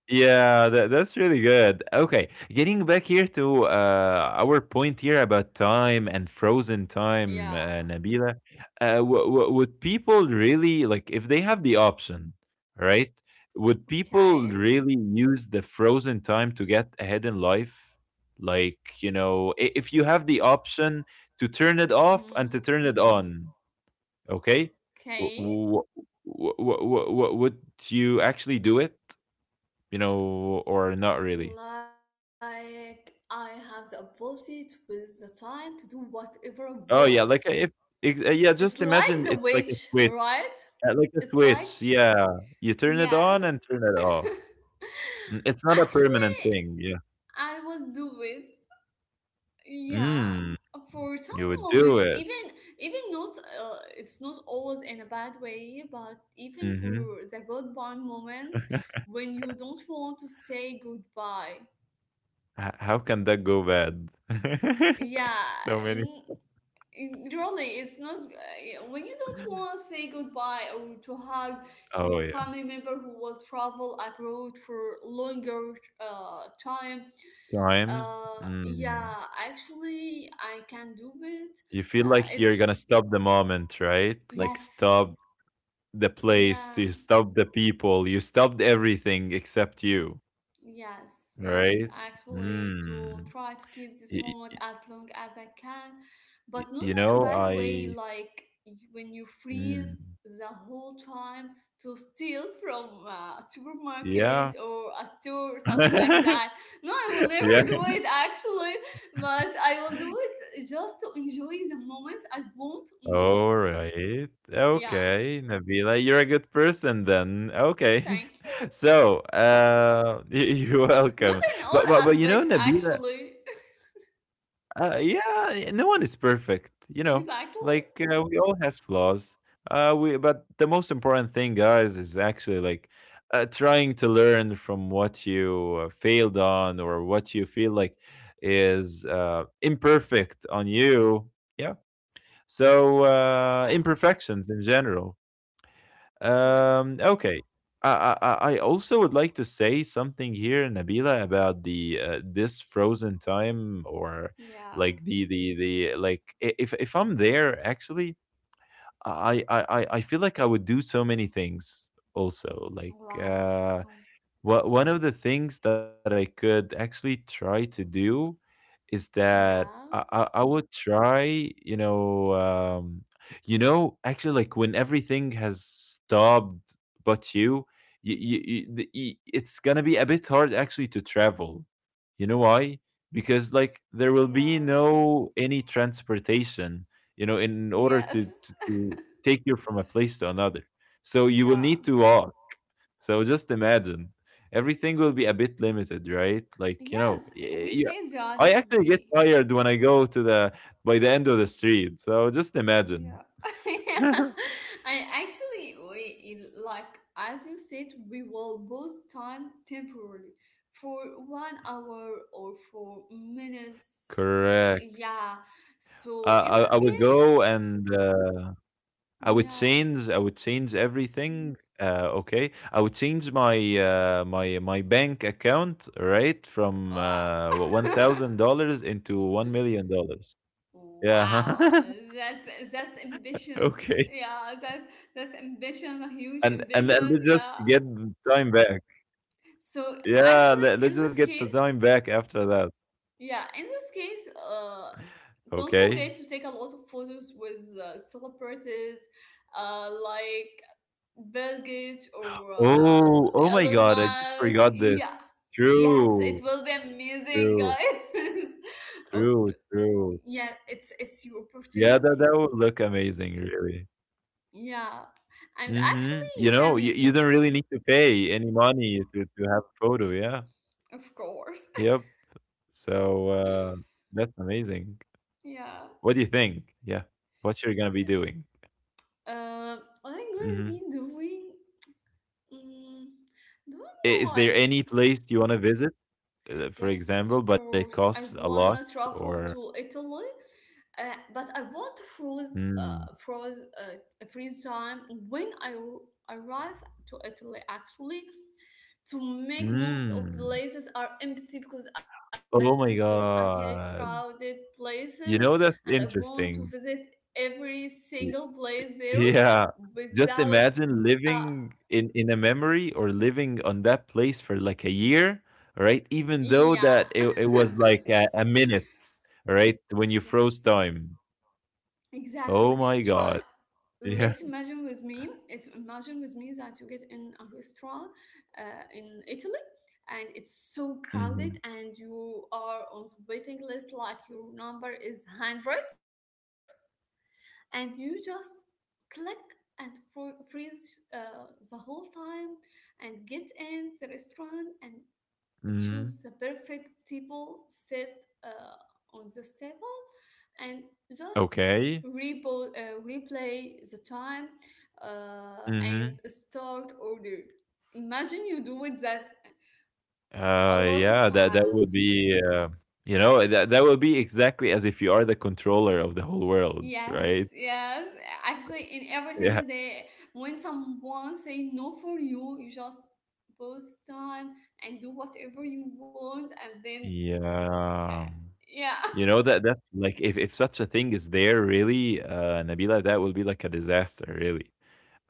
[SPEAKER 1] Yeah, that's really good. Okay, getting back here to our point here about time and frozen time,
[SPEAKER 2] Yeah.
[SPEAKER 1] Nabila. Would people really, like, if they have the option, right? Would
[SPEAKER 2] Okay.
[SPEAKER 1] people really use the frozen time to get ahead in life? Like, you know, if you have the option to turn it off
[SPEAKER 2] Mm,
[SPEAKER 1] and to turn it on, okay? Wh
[SPEAKER 2] okay.
[SPEAKER 1] wh wh wh wh wh would you actually do it, you know, or not really?
[SPEAKER 2] Like I have the ability to with the time to do whatever I want.
[SPEAKER 1] Oh, yeah, like, if ex
[SPEAKER 2] It's
[SPEAKER 1] yeah,
[SPEAKER 2] like
[SPEAKER 1] just
[SPEAKER 2] the
[SPEAKER 1] imagine
[SPEAKER 2] witch,
[SPEAKER 1] it's like a switch,
[SPEAKER 2] right?
[SPEAKER 1] uh,
[SPEAKER 2] It's
[SPEAKER 1] like a
[SPEAKER 2] like,
[SPEAKER 1] switch, yeah. You turn it
[SPEAKER 2] yes.
[SPEAKER 1] on and turn it off. Mm, it's not a
[SPEAKER 2] Actually,
[SPEAKER 1] permanent thing, yeah.
[SPEAKER 2] I will do it. Yeah.
[SPEAKER 1] Mm,
[SPEAKER 2] For some
[SPEAKER 1] you would
[SPEAKER 2] moments,
[SPEAKER 1] do it.
[SPEAKER 2] even even not it's not always in a bad way, but even for
[SPEAKER 1] Mhm.
[SPEAKER 2] the goodbye moments when you don't want to say goodbye.
[SPEAKER 1] H how can that go bad?
[SPEAKER 2] Yeah,
[SPEAKER 1] So many
[SPEAKER 2] n- it really it's not when you don't want to say goodbye or to hug your
[SPEAKER 1] Oh, yeah.
[SPEAKER 2] family member who will travel abroad for longer time.
[SPEAKER 1] Times?
[SPEAKER 2] Yeah,
[SPEAKER 1] Mm.
[SPEAKER 2] actually I can do it.
[SPEAKER 1] You feel
[SPEAKER 2] uh
[SPEAKER 1] like
[SPEAKER 2] it's
[SPEAKER 1] you're gonna stop the moment, right? Like,
[SPEAKER 2] yes,
[SPEAKER 1] stop the place,
[SPEAKER 2] yeah.
[SPEAKER 1] you stopped the people, you stopped everything except you,
[SPEAKER 2] Yes, yes,
[SPEAKER 1] right?
[SPEAKER 2] actually, to
[SPEAKER 1] Mm.
[SPEAKER 2] try to keep this
[SPEAKER 1] Y- y-
[SPEAKER 2] moment as long as I can, but not
[SPEAKER 1] you
[SPEAKER 2] in a
[SPEAKER 1] know,
[SPEAKER 2] bad way,
[SPEAKER 1] I.
[SPEAKER 2] like when you freeze
[SPEAKER 1] Mm.
[SPEAKER 2] the whole time to steal from a
[SPEAKER 1] Yeah.
[SPEAKER 2] supermarket or a store or something like that. No, I will
[SPEAKER 1] Yeah.
[SPEAKER 2] never do it actually, but I will do it just to enjoy the moments I want more.
[SPEAKER 1] All right.
[SPEAKER 2] Yeah,
[SPEAKER 1] Okay, Nabila, you're a good person then. Okay.
[SPEAKER 2] thank you.
[SPEAKER 1] So, you're
[SPEAKER 2] Not
[SPEAKER 1] welcome.
[SPEAKER 2] in all
[SPEAKER 1] But you know,
[SPEAKER 2] aspects,
[SPEAKER 1] Nabila,
[SPEAKER 2] actually.
[SPEAKER 1] Yeah, yeah, no one is perfect, you know.
[SPEAKER 2] Exactly.
[SPEAKER 1] Like we all has flaws. We But the most important thing, guys, is actually like trying to learn from what you failed on or what you feel like is imperfect on you. Yeah. So
[SPEAKER 2] Yeah,
[SPEAKER 1] imperfections in general.
[SPEAKER 2] exactly.
[SPEAKER 1] Okay. I, I I also would like to say something here, Nabila, about the this frozen time, or
[SPEAKER 2] Yeah,
[SPEAKER 1] like if I'm there actually, I feel like I would do so many things also. Like
[SPEAKER 2] like,
[SPEAKER 1] what one of the things that I could actually try to do is that
[SPEAKER 2] yeah,
[SPEAKER 1] I would try, you know, um, you know, actually, like when everything has stopped, but you, the, y it's gonna be a bit hard actually to travel. You know why? Because like there
[SPEAKER 2] yeah,
[SPEAKER 1] will be no any transportation, you know, in order
[SPEAKER 2] yes,
[SPEAKER 1] to take you from a place to another. So you will
[SPEAKER 2] yeah,
[SPEAKER 1] need to walk, so just imagine, everything will be a bit limited, right? Like, you know,
[SPEAKER 2] yes. We
[SPEAKER 1] yeah.
[SPEAKER 2] say that
[SPEAKER 1] I actually get
[SPEAKER 2] we,
[SPEAKER 1] tired when I go to the by the end of the street. So just imagine.
[SPEAKER 2] yeah, yeah. And actually, we like as you said, we will pause time temporarily for 1 hour or for minutes.
[SPEAKER 1] Correct.
[SPEAKER 2] Yeah.
[SPEAKER 1] I,
[SPEAKER 2] So
[SPEAKER 1] I
[SPEAKER 2] in
[SPEAKER 1] I
[SPEAKER 2] this
[SPEAKER 1] would
[SPEAKER 2] case,
[SPEAKER 1] go and I would
[SPEAKER 2] yeah.
[SPEAKER 1] change. I would change everything. Okay, I would change my my bank account right from
[SPEAKER 2] Uh,
[SPEAKER 1] one thousand dollars into $1 million.
[SPEAKER 2] Wow,
[SPEAKER 1] Yeah.
[SPEAKER 2] that's ambitious.
[SPEAKER 1] Okay.
[SPEAKER 2] Yeah, that's ambition, a huge
[SPEAKER 1] And then
[SPEAKER 2] ambition.
[SPEAKER 1] let's just
[SPEAKER 2] Yeah.
[SPEAKER 1] get the time back.
[SPEAKER 2] So
[SPEAKER 1] Yeah,
[SPEAKER 2] actually,
[SPEAKER 1] let's just get the time back after that.
[SPEAKER 2] yeah, in this case, don't
[SPEAKER 1] Okay.
[SPEAKER 2] forget to take a lot of photos with celebrities, like Bill Gates or
[SPEAKER 1] Oh, oh my
[SPEAKER 2] Elon
[SPEAKER 1] God! I just
[SPEAKER 2] Musk.
[SPEAKER 1] forgot
[SPEAKER 2] Yeah.
[SPEAKER 1] this.
[SPEAKER 2] Yes, it
[SPEAKER 1] True,
[SPEAKER 2] will be amazing,
[SPEAKER 1] true,
[SPEAKER 2] guys. Oh,
[SPEAKER 1] true, true.
[SPEAKER 2] yeah, it's your
[SPEAKER 1] Yeah, that
[SPEAKER 2] opportunity.
[SPEAKER 1] that would look amazing, really.
[SPEAKER 2] Yeah, and
[SPEAKER 1] Mm-hmm.
[SPEAKER 2] actually, you
[SPEAKER 1] You know,
[SPEAKER 2] can,
[SPEAKER 1] you don't really need to pay any money to have a photo. Yeah.
[SPEAKER 2] of course.
[SPEAKER 1] Yep. So that's amazing.
[SPEAKER 2] Yeah.
[SPEAKER 1] What do you think? Yeah. What you're gonna be doing?
[SPEAKER 2] Uh, what I'm gonna
[SPEAKER 1] Mm-hmm.
[SPEAKER 2] be doing? Mm, don't know.
[SPEAKER 1] Is there any place you want to visit? Uh, for
[SPEAKER 2] Yes,
[SPEAKER 1] example,
[SPEAKER 2] of
[SPEAKER 1] but it
[SPEAKER 2] course.
[SPEAKER 1] costs
[SPEAKER 2] I
[SPEAKER 1] a lot
[SPEAKER 2] wanna travel
[SPEAKER 1] or
[SPEAKER 2] to Italy, but I want to
[SPEAKER 1] mm,
[SPEAKER 2] a freeze time when arrive to Italy. Actually, to make most of
[SPEAKER 1] mm.
[SPEAKER 2] places are empty because I
[SPEAKER 1] Oh
[SPEAKER 2] hate
[SPEAKER 1] my
[SPEAKER 2] crowded
[SPEAKER 1] God.
[SPEAKER 2] places, and I
[SPEAKER 1] You
[SPEAKER 2] want
[SPEAKER 1] know,
[SPEAKER 2] to
[SPEAKER 1] that's
[SPEAKER 2] visit
[SPEAKER 1] interesting.
[SPEAKER 2] every single place there
[SPEAKER 1] Y- Yeah.
[SPEAKER 2] without,
[SPEAKER 1] Just
[SPEAKER 2] uh,
[SPEAKER 1] imagine living in a memory or living on that place for like a year, right? Even
[SPEAKER 2] yeah.
[SPEAKER 1] though that it was like a minute, right? When you froze
[SPEAKER 2] Yes,
[SPEAKER 1] time.
[SPEAKER 2] exactly.
[SPEAKER 1] Oh my
[SPEAKER 2] Try
[SPEAKER 1] God.
[SPEAKER 2] let's
[SPEAKER 1] Yeah.
[SPEAKER 2] imagine with me it's Imagine with me that you get in a restaurant in Italy, and it's so crowded,
[SPEAKER 1] hmm
[SPEAKER 2] and you are on the waiting list like your number is 100. And you just click and freeze the whole time and get in the restaurant and choose the
[SPEAKER 1] hmm
[SPEAKER 2] perfect table, sit on this table, and just
[SPEAKER 1] Okay.
[SPEAKER 2] replay the time,
[SPEAKER 1] hmm
[SPEAKER 2] and start order. Imagine you do it that a lot of
[SPEAKER 1] Yeah, that that would
[SPEAKER 2] times.
[SPEAKER 1] be, you know, that that would be exactly as if you are the controller of the whole world,
[SPEAKER 2] Yes,
[SPEAKER 1] right?
[SPEAKER 2] yes. Actually, in every
[SPEAKER 1] Yeah,
[SPEAKER 2] single day, when someone say no for you, you just post time and do whatever you want, and then it's okay.
[SPEAKER 1] yeah.
[SPEAKER 2] Yeah.
[SPEAKER 1] You know that that's like if such a thing is there, really, Nabila, that will be like a disaster, really.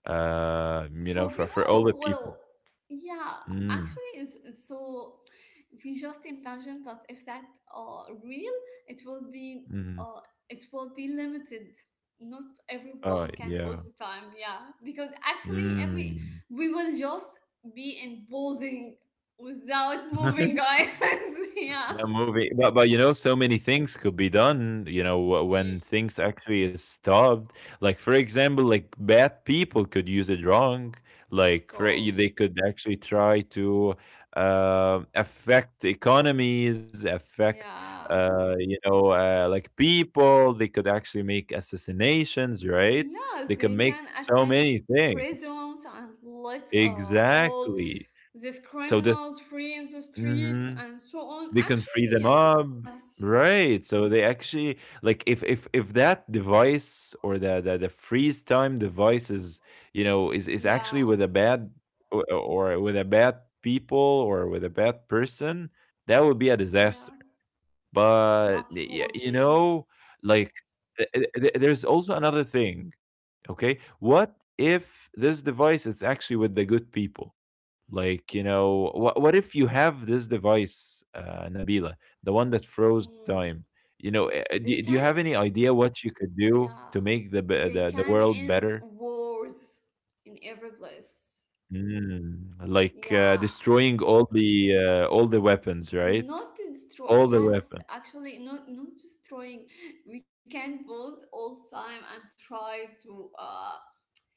[SPEAKER 1] You
[SPEAKER 2] For
[SPEAKER 1] know, for
[SPEAKER 2] people,
[SPEAKER 1] all the
[SPEAKER 2] well,
[SPEAKER 1] people.
[SPEAKER 2] yeah,
[SPEAKER 1] Mm,
[SPEAKER 2] actually is so, we just imagine, but if that real, it will be
[SPEAKER 1] mm.
[SPEAKER 2] uh limited. Not everyone
[SPEAKER 1] Oh,
[SPEAKER 2] can
[SPEAKER 1] yeah.
[SPEAKER 2] pose the time, yeah, because actually every
[SPEAKER 1] Mm.
[SPEAKER 2] we will just be in posing without moving, guys. Yeah.
[SPEAKER 1] That movie, but you know, so many things could be done. You know,
[SPEAKER 2] Ye-
[SPEAKER 1] when things actually is stopped, like for example, like bad people could use it wrong.
[SPEAKER 2] of
[SPEAKER 1] Like for, they
[SPEAKER 2] course,
[SPEAKER 1] could actually try to affect economies, affect
[SPEAKER 2] yeah,
[SPEAKER 1] you know, like people. They could actually make assassinations, right?
[SPEAKER 2] yeah,
[SPEAKER 1] They could
[SPEAKER 2] they
[SPEAKER 1] make
[SPEAKER 2] can
[SPEAKER 1] so
[SPEAKER 2] attack
[SPEAKER 1] many things.
[SPEAKER 2] prisons and let all
[SPEAKER 1] Exactly.
[SPEAKER 2] these
[SPEAKER 1] So this.
[SPEAKER 2] criminals free in the streets
[SPEAKER 1] Mm-hmm.
[SPEAKER 2] and so on.
[SPEAKER 1] They can
[SPEAKER 2] Actually,
[SPEAKER 1] free them
[SPEAKER 2] yes.
[SPEAKER 1] up. Right. So they actually like if that device or the freeze time device is is
[SPEAKER 2] Yeah,
[SPEAKER 1] actually with a bad or with a bad people or with a bad person, that would be a
[SPEAKER 2] yeah,
[SPEAKER 1] disaster. But
[SPEAKER 2] absolutely.
[SPEAKER 1] like there's also another thing. Okay, what if this device is actually with the good people? Like, you know, what if you have this device, Nabila, the one that
[SPEAKER 2] Mm,
[SPEAKER 1] froze time? You know,
[SPEAKER 2] they can,
[SPEAKER 1] do you have any idea what you could do
[SPEAKER 2] yeah,
[SPEAKER 1] to make
[SPEAKER 2] they
[SPEAKER 1] the
[SPEAKER 2] can
[SPEAKER 1] world
[SPEAKER 2] end
[SPEAKER 1] better?
[SPEAKER 2] wars in every place.
[SPEAKER 1] Mm, like
[SPEAKER 2] Yeah,
[SPEAKER 1] destroying all the weapons,
[SPEAKER 2] not
[SPEAKER 1] right?
[SPEAKER 2] destroy.
[SPEAKER 1] All the
[SPEAKER 2] Yes,
[SPEAKER 1] weapons.
[SPEAKER 2] actually, not destroying. We can both all the time and try to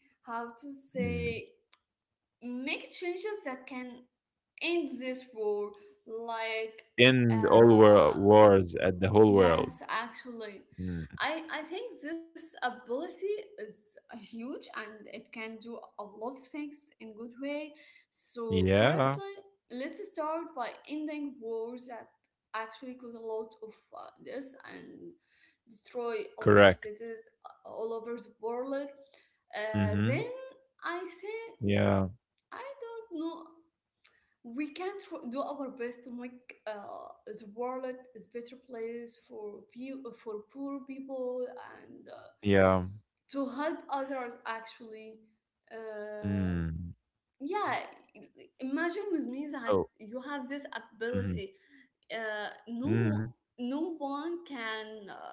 [SPEAKER 2] how to say,
[SPEAKER 1] Mm.
[SPEAKER 2] make changes that can in this world, like
[SPEAKER 1] End all
[SPEAKER 2] uh
[SPEAKER 1] wars at the whole world.
[SPEAKER 2] yes, actually,
[SPEAKER 1] Mm.
[SPEAKER 2] I think this ability is huge and it can do a lot of things in good way, so
[SPEAKER 1] Yeah,
[SPEAKER 2] firstly let's start by ending wars that actually cause a lot of this, and destroy a lot of
[SPEAKER 1] correct.
[SPEAKER 2] cities all over the world,
[SPEAKER 1] Mm-hmm.
[SPEAKER 2] then I think,
[SPEAKER 1] Yeah,
[SPEAKER 2] I don't know, we can do our best to make the world is better place for poor people, and
[SPEAKER 1] yeah.
[SPEAKER 2] to help others actually. uh,
[SPEAKER 1] Mm.
[SPEAKER 2] yeah. Imagine with me
[SPEAKER 1] Oh,
[SPEAKER 2] that you have this
[SPEAKER 1] mm-hmm.
[SPEAKER 2] ability,
[SPEAKER 1] Mm-hmm.
[SPEAKER 2] no, no one can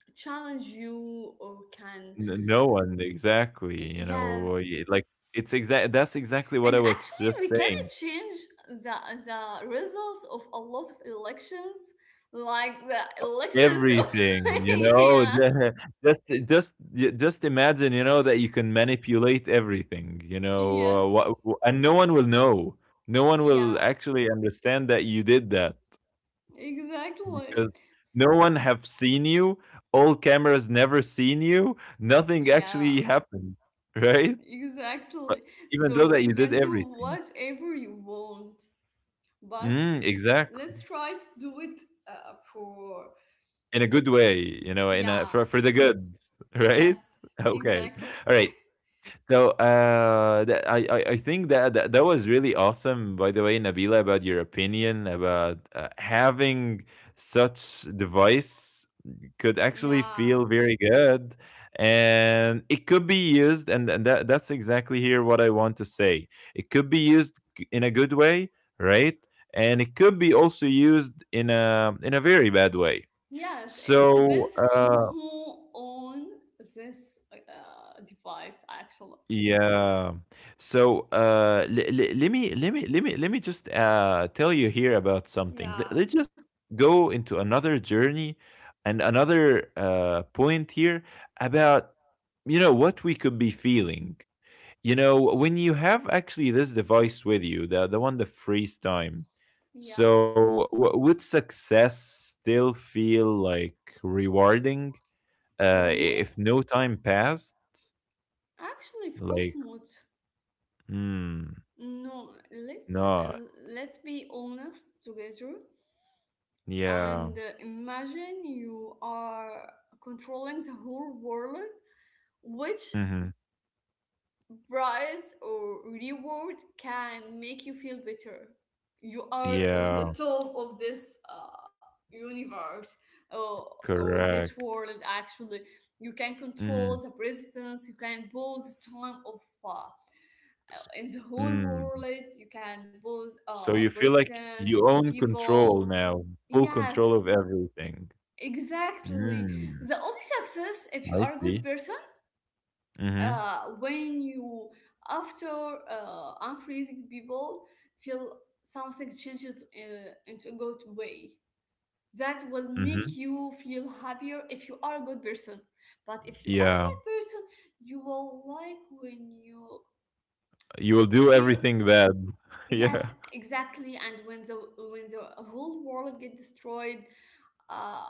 [SPEAKER 2] challenge you or can,
[SPEAKER 1] N no one, exactly,
[SPEAKER 2] yes.
[SPEAKER 1] it's exactly what
[SPEAKER 2] And
[SPEAKER 1] I was
[SPEAKER 2] actually,
[SPEAKER 1] just
[SPEAKER 2] we can
[SPEAKER 1] saying.
[SPEAKER 2] change the the results of a lot of elections, like the elections. Of,
[SPEAKER 1] Everything, you know,
[SPEAKER 2] yeah.
[SPEAKER 1] ju just just ju just imagine, you know, that you can manipulate everything, you know, wha
[SPEAKER 2] Yes.
[SPEAKER 1] wha and no one will know. No one will
[SPEAKER 2] Yeah.
[SPEAKER 1] actually understand that you did that
[SPEAKER 2] Exactly.
[SPEAKER 1] because
[SPEAKER 2] S-
[SPEAKER 1] no one have seen you, all cameras never seen you, nothing
[SPEAKER 2] Yeah.
[SPEAKER 1] actually happened, right?
[SPEAKER 2] Exactly.
[SPEAKER 1] But even
[SPEAKER 2] So
[SPEAKER 1] though
[SPEAKER 2] you
[SPEAKER 1] that you
[SPEAKER 2] can
[SPEAKER 1] did
[SPEAKER 2] do
[SPEAKER 1] everything.
[SPEAKER 2] whatever you want, but
[SPEAKER 1] Mm,
[SPEAKER 2] let's
[SPEAKER 1] exactly.
[SPEAKER 2] try to do it for.
[SPEAKER 1] In a good way, you know, in a
[SPEAKER 2] Yeah.
[SPEAKER 1] for the good, right?
[SPEAKER 2] Yes.
[SPEAKER 1] Okay.
[SPEAKER 2] Exactly.
[SPEAKER 1] All right. So that, I think that, that was really awesome by the way Nabila about your opinion about having such device could actually
[SPEAKER 2] Yeah.
[SPEAKER 1] feel very good and it could be used and that that's exactly here what I want to say. It could be used in a good way, right? And it could be also used in a very bad way
[SPEAKER 2] Yes, it
[SPEAKER 1] so,
[SPEAKER 2] depends on who own this device actually.
[SPEAKER 1] yeah. So, l l let me just tell you here about something.
[SPEAKER 2] Yeah.
[SPEAKER 1] Let's just go into another journey and another point here about you know what we could be feeling. You know, when you have actually this device with you, the one that frees time.
[SPEAKER 2] Yes.
[SPEAKER 1] So, w would success still feel like rewarding,
[SPEAKER 2] For
[SPEAKER 1] uh, i-
[SPEAKER 2] me,
[SPEAKER 1] if no time passed?
[SPEAKER 2] actually, of course
[SPEAKER 1] Like
[SPEAKER 2] not.
[SPEAKER 1] Mm,
[SPEAKER 2] No, let's
[SPEAKER 1] no,
[SPEAKER 2] let's be honest together,
[SPEAKER 1] yeah,
[SPEAKER 2] and imagine you are controlling the whole world, which
[SPEAKER 1] mhm,
[SPEAKER 2] prize or reward can make you feel better. You are on the
[SPEAKER 1] yeah,
[SPEAKER 2] top of this universe, or, or this
[SPEAKER 1] correct,
[SPEAKER 2] world, actually. You can control
[SPEAKER 1] mm,
[SPEAKER 2] the presidents, you can pause the time of.
[SPEAKER 1] s
[SPEAKER 2] In the whole
[SPEAKER 1] mm,
[SPEAKER 2] world, you can pose
[SPEAKER 1] so you feel like
[SPEAKER 2] presidents,
[SPEAKER 1] you own control
[SPEAKER 2] people.
[SPEAKER 1] now, full control
[SPEAKER 2] Yes,
[SPEAKER 1] of everything.
[SPEAKER 2] exactly.
[SPEAKER 1] Mm,
[SPEAKER 2] The only success, if you are
[SPEAKER 1] I
[SPEAKER 2] a good
[SPEAKER 1] see,
[SPEAKER 2] person,
[SPEAKER 1] mhm,
[SPEAKER 2] when you after unfreezing people feel something changes into a good way, that will
[SPEAKER 1] mhm,
[SPEAKER 2] make you feel happier if you are a good person. But if you are a
[SPEAKER 1] yeah,
[SPEAKER 2] bad person, you will like when you
[SPEAKER 1] you will do
[SPEAKER 2] feel,
[SPEAKER 1] everything bad,
[SPEAKER 2] yes,
[SPEAKER 1] yeah,
[SPEAKER 2] exactly, and when the whole world get destroyed, uh,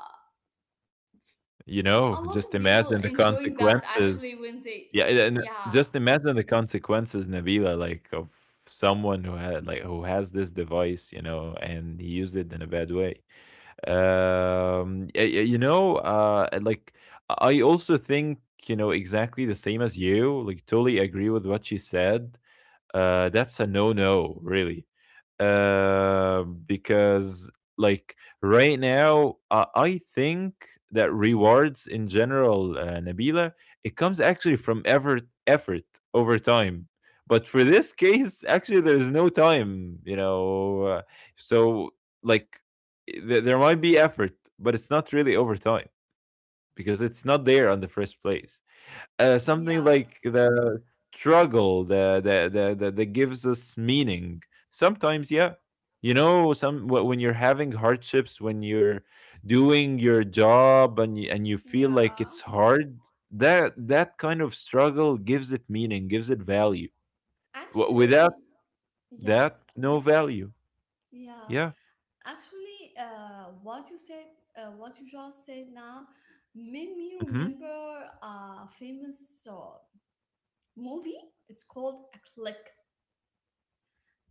[SPEAKER 2] a lot
[SPEAKER 1] you
[SPEAKER 2] of
[SPEAKER 1] know,
[SPEAKER 2] people
[SPEAKER 1] just
[SPEAKER 2] enjoy
[SPEAKER 1] imagine the
[SPEAKER 2] that actually when they,
[SPEAKER 1] consequences. Yeah, and
[SPEAKER 2] yeah,
[SPEAKER 1] and just imagine the consequences, Nabila, like of someone who had like who has this device, you know, and he used it in a bad way. You know, and, like I also think you know exactly the same as you. Like, totally agree with what she said that's a no-no, really. Because like right now, I think that rewards in general, Nabila, it comes actually from effort, effort over time. But for this case, actually, there's no time, you know. So like, there might be effort, but it's not really over time because it's not there on the first place. Something
[SPEAKER 2] yes,
[SPEAKER 1] like the struggle that gives us meaning. Sometimes, yeah, you know, when you're having hardships, when you're doing your job and you feel
[SPEAKER 2] yeah.
[SPEAKER 1] like it's hard, that kind of struggle gives it meaning, gives it value. Without
[SPEAKER 2] Actually, yes,
[SPEAKER 1] that, no value.
[SPEAKER 2] yeah.
[SPEAKER 1] Yeah.
[SPEAKER 2] Actually, what you just said now, made me
[SPEAKER 1] Mm-hmm.
[SPEAKER 2] remember a famous movie. It's called A Click.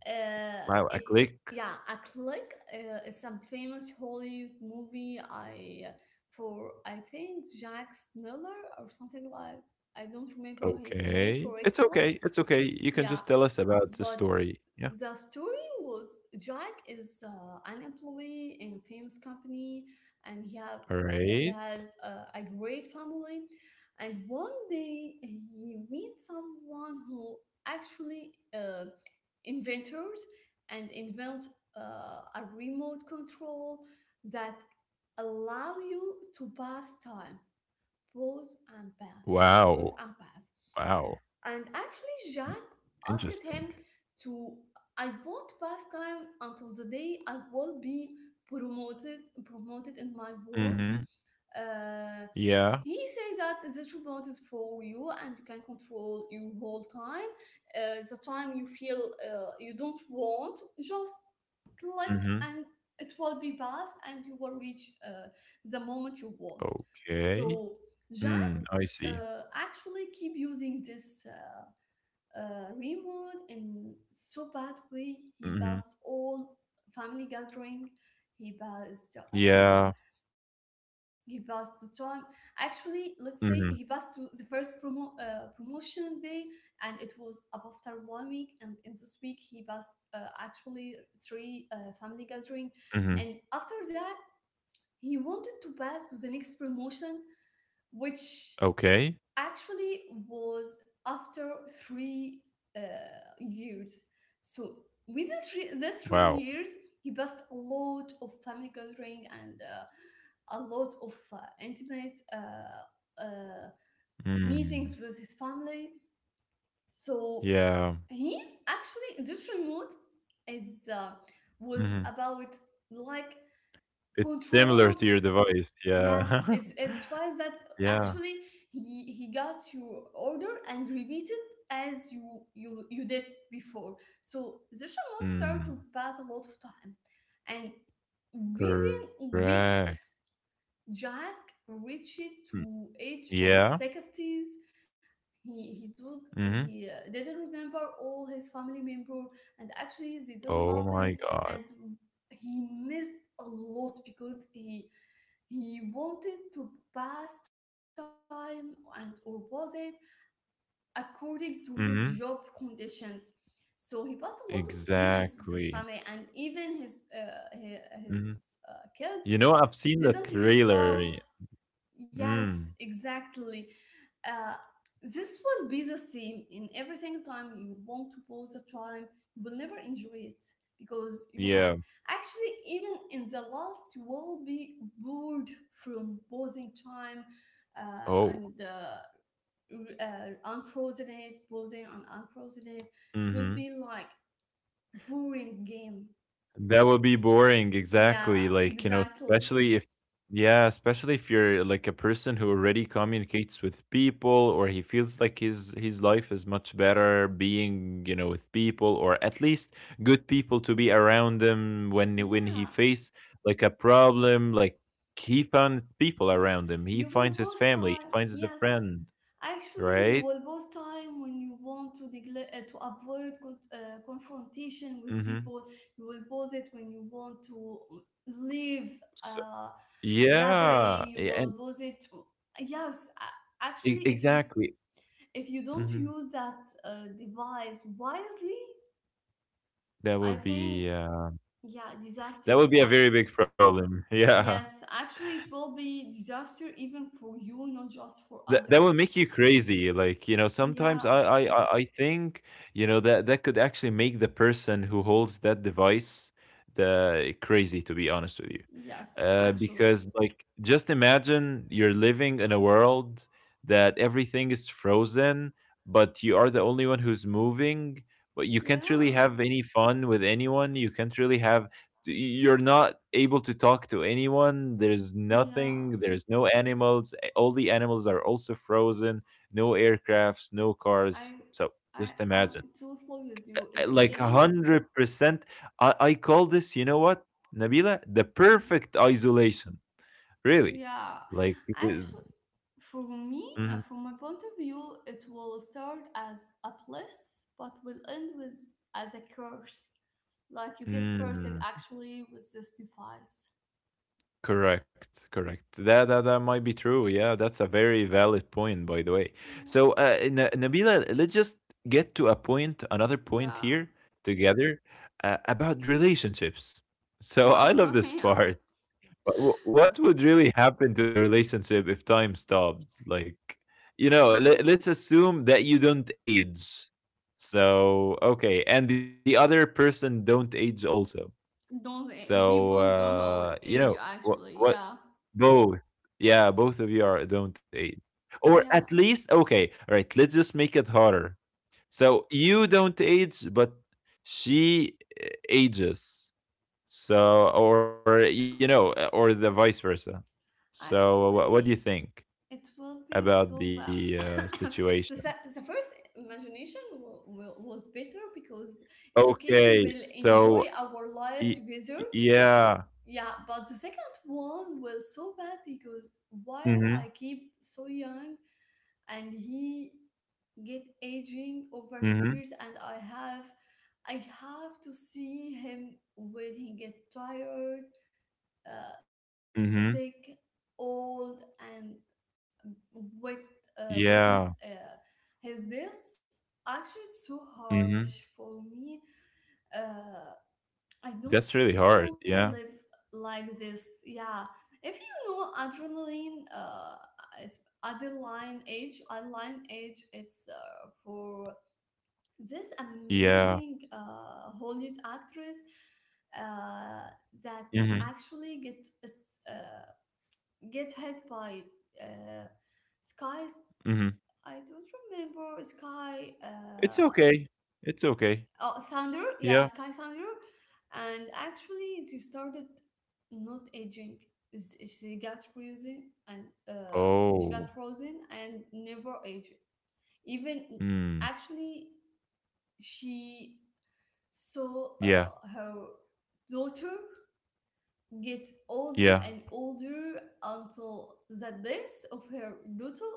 [SPEAKER 1] Wow. I
[SPEAKER 2] It's
[SPEAKER 1] click.
[SPEAKER 2] Yeah, A Click. It's some famous Hollywood movie. I think Jack Miller or something like. I don't remember his name
[SPEAKER 1] Okay. It's
[SPEAKER 2] correctly.
[SPEAKER 1] okay. It's okay. You can
[SPEAKER 2] Yeah,
[SPEAKER 1] just tell us about the
[SPEAKER 2] but
[SPEAKER 1] story. Yeah.
[SPEAKER 2] the story was Jack is an employee in a famous company, and
[SPEAKER 1] All
[SPEAKER 2] he
[SPEAKER 1] right.
[SPEAKER 2] has a great family. And one day he meets someone who actually inventors and invent a remote control that allow you to pass time, pause and pass, pause
[SPEAKER 1] Wow.
[SPEAKER 2] and pass.
[SPEAKER 1] Wow.
[SPEAKER 2] And actually, Jack asked him
[SPEAKER 1] Interesting.
[SPEAKER 2] to, I won't pass time until the day I will be promoted in my work.
[SPEAKER 1] Mhm.
[SPEAKER 2] Uh,
[SPEAKER 1] Yeah.
[SPEAKER 2] he says that this remote is for you and you can control your whole time. The time you feel you don't want, just click
[SPEAKER 1] Mhm.
[SPEAKER 2] and it will be passed and you will reach the moment you want.
[SPEAKER 1] Okay.
[SPEAKER 2] So,
[SPEAKER 1] Mm,
[SPEAKER 2] Jack,
[SPEAKER 1] I see.
[SPEAKER 2] actually keep using this. Remote in so bad way. He
[SPEAKER 1] Mhm.
[SPEAKER 2] passed all family gathering. He passed. Uh,
[SPEAKER 1] Yeah.
[SPEAKER 2] he passed the time. Actually, let's say he passed to the
[SPEAKER 1] Mhm.
[SPEAKER 2] first promotion day, and it was up after one week. And in this week, he passed actually three family gathering, and
[SPEAKER 1] Mhm.
[SPEAKER 2] after that, he wanted to pass to the next promotion, which
[SPEAKER 1] Okay.
[SPEAKER 2] actually was after three uh, years. So within the three
[SPEAKER 1] Wow.
[SPEAKER 2] years, he passed a lot of family gathering and a lot of intimate meetings
[SPEAKER 1] Mm.
[SPEAKER 2] with his family. So
[SPEAKER 1] Yeah.
[SPEAKER 2] he actually this remote is, was
[SPEAKER 1] Mhm.
[SPEAKER 2] about, like,
[SPEAKER 1] It's similar
[SPEAKER 2] controlled.
[SPEAKER 1] to your device.
[SPEAKER 2] Yes,
[SPEAKER 1] Yeah.
[SPEAKER 2] it's twice that
[SPEAKER 1] Yeah.
[SPEAKER 2] actually he got your order and repeat it as you did before. So the remote started to
[SPEAKER 1] Mm.
[SPEAKER 2] pass a lot of time, and within
[SPEAKER 1] Correct.
[SPEAKER 2] weeks, Jack
[SPEAKER 1] Mm.
[SPEAKER 2] reached to age
[SPEAKER 1] Yeah.
[SPEAKER 2] of sixties. he he do
[SPEAKER 1] Mhm.
[SPEAKER 2] he uh, didn't remember all his family member, and actually they didn't love
[SPEAKER 1] Oh
[SPEAKER 2] him,
[SPEAKER 1] my
[SPEAKER 2] and
[SPEAKER 1] God.
[SPEAKER 2] he missed a lot because he wanted to pass time and or was it according to his job
[SPEAKER 1] Mhm.
[SPEAKER 2] conditions, so he passed a lot of feelings with his family, and
[SPEAKER 1] Exactly.
[SPEAKER 2] even his
[SPEAKER 1] Mhm.
[SPEAKER 2] kids
[SPEAKER 1] You know, I've
[SPEAKER 2] didn't
[SPEAKER 1] seen the
[SPEAKER 2] love.
[SPEAKER 1] trailer.
[SPEAKER 2] Yes, exactly.
[SPEAKER 1] Mm.
[SPEAKER 2] Uh, this will be the same in every single time you want to pause the time. You will never enjoy it because you have
[SPEAKER 1] Yeah.
[SPEAKER 2] actually even in the last you will be bored from pausing time, uh, and
[SPEAKER 1] Oh.
[SPEAKER 2] uh, unfrozen it, pausing and unfrozen it. It will be
[SPEAKER 1] Mhm.
[SPEAKER 2] like boring game.
[SPEAKER 1] That would be boring, exactly.
[SPEAKER 2] Yeah,
[SPEAKER 1] Like, you know,
[SPEAKER 2] exactly.
[SPEAKER 1] especially if, yeah, especially if you're like a person who already communicates with people or he feels like his life is much better being, you know, with people or at least good people to be around him when he
[SPEAKER 2] Yeah.
[SPEAKER 1] face like a problem, like he found people
[SPEAKER 2] Yeah,
[SPEAKER 1] around him. He
[SPEAKER 2] you
[SPEAKER 1] finds
[SPEAKER 2] will
[SPEAKER 1] his
[SPEAKER 2] both
[SPEAKER 1] family, he
[SPEAKER 2] time.
[SPEAKER 1] finds his
[SPEAKER 2] Yes,
[SPEAKER 1] friend,
[SPEAKER 2] actually, you
[SPEAKER 1] right?
[SPEAKER 2] will both time when you want to avoid confrontation with
[SPEAKER 1] Mm-hmm.
[SPEAKER 2] people. You will pause it when you want to leave
[SPEAKER 1] So,
[SPEAKER 2] uh, a
[SPEAKER 1] yeah,
[SPEAKER 2] gathering. You
[SPEAKER 1] yeah,
[SPEAKER 2] will
[SPEAKER 1] and
[SPEAKER 2] pause it. Yes, actually, if you
[SPEAKER 1] exactly.
[SPEAKER 2] if you don't
[SPEAKER 1] Hmm.
[SPEAKER 2] use that device wisely,
[SPEAKER 1] That
[SPEAKER 2] I
[SPEAKER 1] will
[SPEAKER 2] think,
[SPEAKER 1] be
[SPEAKER 2] yeah,
[SPEAKER 1] that would
[SPEAKER 2] disaster,
[SPEAKER 1] be a
[SPEAKER 2] and
[SPEAKER 1] very big problem. Yeah.
[SPEAKER 2] yes, actually, it will be disaster even for you, not just for
[SPEAKER 1] That that will
[SPEAKER 2] others.
[SPEAKER 1] make you crazy. Like, you know, sometimes
[SPEAKER 2] Yeah,
[SPEAKER 1] I think, you know, that that could actually make the person who holds that device the crazy, to be honest with you.
[SPEAKER 2] yes, actually.
[SPEAKER 1] Because like just imagine you're living in a world that everything is frozen, but you are the only one who's moving, but you can't
[SPEAKER 2] Yeah,
[SPEAKER 1] really have any fun with anyone. You can't really have you're not able to talk to anyone there's
[SPEAKER 2] yeah.
[SPEAKER 1] nothing there's no animals all the animals are also frozen no aircrafts no
[SPEAKER 2] I
[SPEAKER 1] cars so
[SPEAKER 2] I
[SPEAKER 1] just
[SPEAKER 2] am
[SPEAKER 1] imagine
[SPEAKER 2] totally with you at the
[SPEAKER 1] like a
[SPEAKER 2] beginning.
[SPEAKER 1] 100% I call this you know what nabila the
[SPEAKER 2] Yeah.
[SPEAKER 1] perfect isolation really
[SPEAKER 2] Yeah.
[SPEAKER 1] like the-
[SPEAKER 2] Actually, for me,
[SPEAKER 1] mhm.
[SPEAKER 2] from my point of view, it will start as a bliss, but will end with as a curse. Like you get cursed
[SPEAKER 1] Mm.
[SPEAKER 2] actually with this device.
[SPEAKER 1] Correct, correct. That, that that might be true. Yeah, that's a very valid point, by the way. So,
[SPEAKER 2] Yeah.
[SPEAKER 1] Nabila, let's just get to a point, another point
[SPEAKER 2] Yeah.
[SPEAKER 1] here together about relationships. So, I
[SPEAKER 2] Well,
[SPEAKER 1] love this
[SPEAKER 2] yeah.
[SPEAKER 1] part. But what would really happen to a relationship if time stopped? Like, you know,
[SPEAKER 2] Mm.
[SPEAKER 1] let's assume that you don't age. So, okay, and the other person don't age also.
[SPEAKER 2] Don't a- We
[SPEAKER 1] So,
[SPEAKER 2] both don't always
[SPEAKER 1] you
[SPEAKER 2] age
[SPEAKER 1] know,
[SPEAKER 2] actually.
[SPEAKER 1] what
[SPEAKER 2] Yeah.
[SPEAKER 1] both. Yeah, both of you are don't eat. Or
[SPEAKER 2] Yeah.
[SPEAKER 1] at least okay, all right, let's just make it harder. So you don't age, but she ages. So or you know, or the vice versa. So what do you
[SPEAKER 2] Actually,
[SPEAKER 1] think
[SPEAKER 2] it will be
[SPEAKER 1] about
[SPEAKER 2] so
[SPEAKER 1] the
[SPEAKER 2] bad.
[SPEAKER 1] situation?
[SPEAKER 2] The first imagination was better because it's
[SPEAKER 1] Okay,
[SPEAKER 2] okay. We will
[SPEAKER 1] so
[SPEAKER 2] enjoy our
[SPEAKER 1] y-
[SPEAKER 2] life together.
[SPEAKER 1] yeah.
[SPEAKER 2] Yeah, but the second one was so bad because while
[SPEAKER 1] Mhm.
[SPEAKER 2] I keep so young and he get aging over
[SPEAKER 1] Mhm.
[SPEAKER 2] years, and I have to see him when he get tired, sick,
[SPEAKER 1] Mhm.
[SPEAKER 2] old, and witness
[SPEAKER 1] Yeah.
[SPEAKER 2] his this. Actually, it's so harsh for
[SPEAKER 1] Mhm.
[SPEAKER 2] me. Uh, I don't want to live
[SPEAKER 1] That's really hard.
[SPEAKER 2] like
[SPEAKER 1] Yeah.
[SPEAKER 2] this. Yeah, if you know adrenaline, is adrenaline age, it's for this amazing
[SPEAKER 1] Yeah.
[SPEAKER 2] Hollywood actress uh, that
[SPEAKER 1] Mhm.
[SPEAKER 2] actually uh, get hit by uh, skies.
[SPEAKER 1] Mhm.
[SPEAKER 2] I don't remember sky.
[SPEAKER 1] It's okay. It's okay.
[SPEAKER 2] Oh, thunder. Yeah,
[SPEAKER 1] Yeah.
[SPEAKER 2] sky thunder. And actually, she started not aging. She got
[SPEAKER 1] Oh.
[SPEAKER 2] frozen and never aged. Even
[SPEAKER 1] Mm.
[SPEAKER 2] actually, she saw
[SPEAKER 1] Yeah.
[SPEAKER 2] her daughter get older
[SPEAKER 1] Yeah.
[SPEAKER 2] and older until the days of her daughter,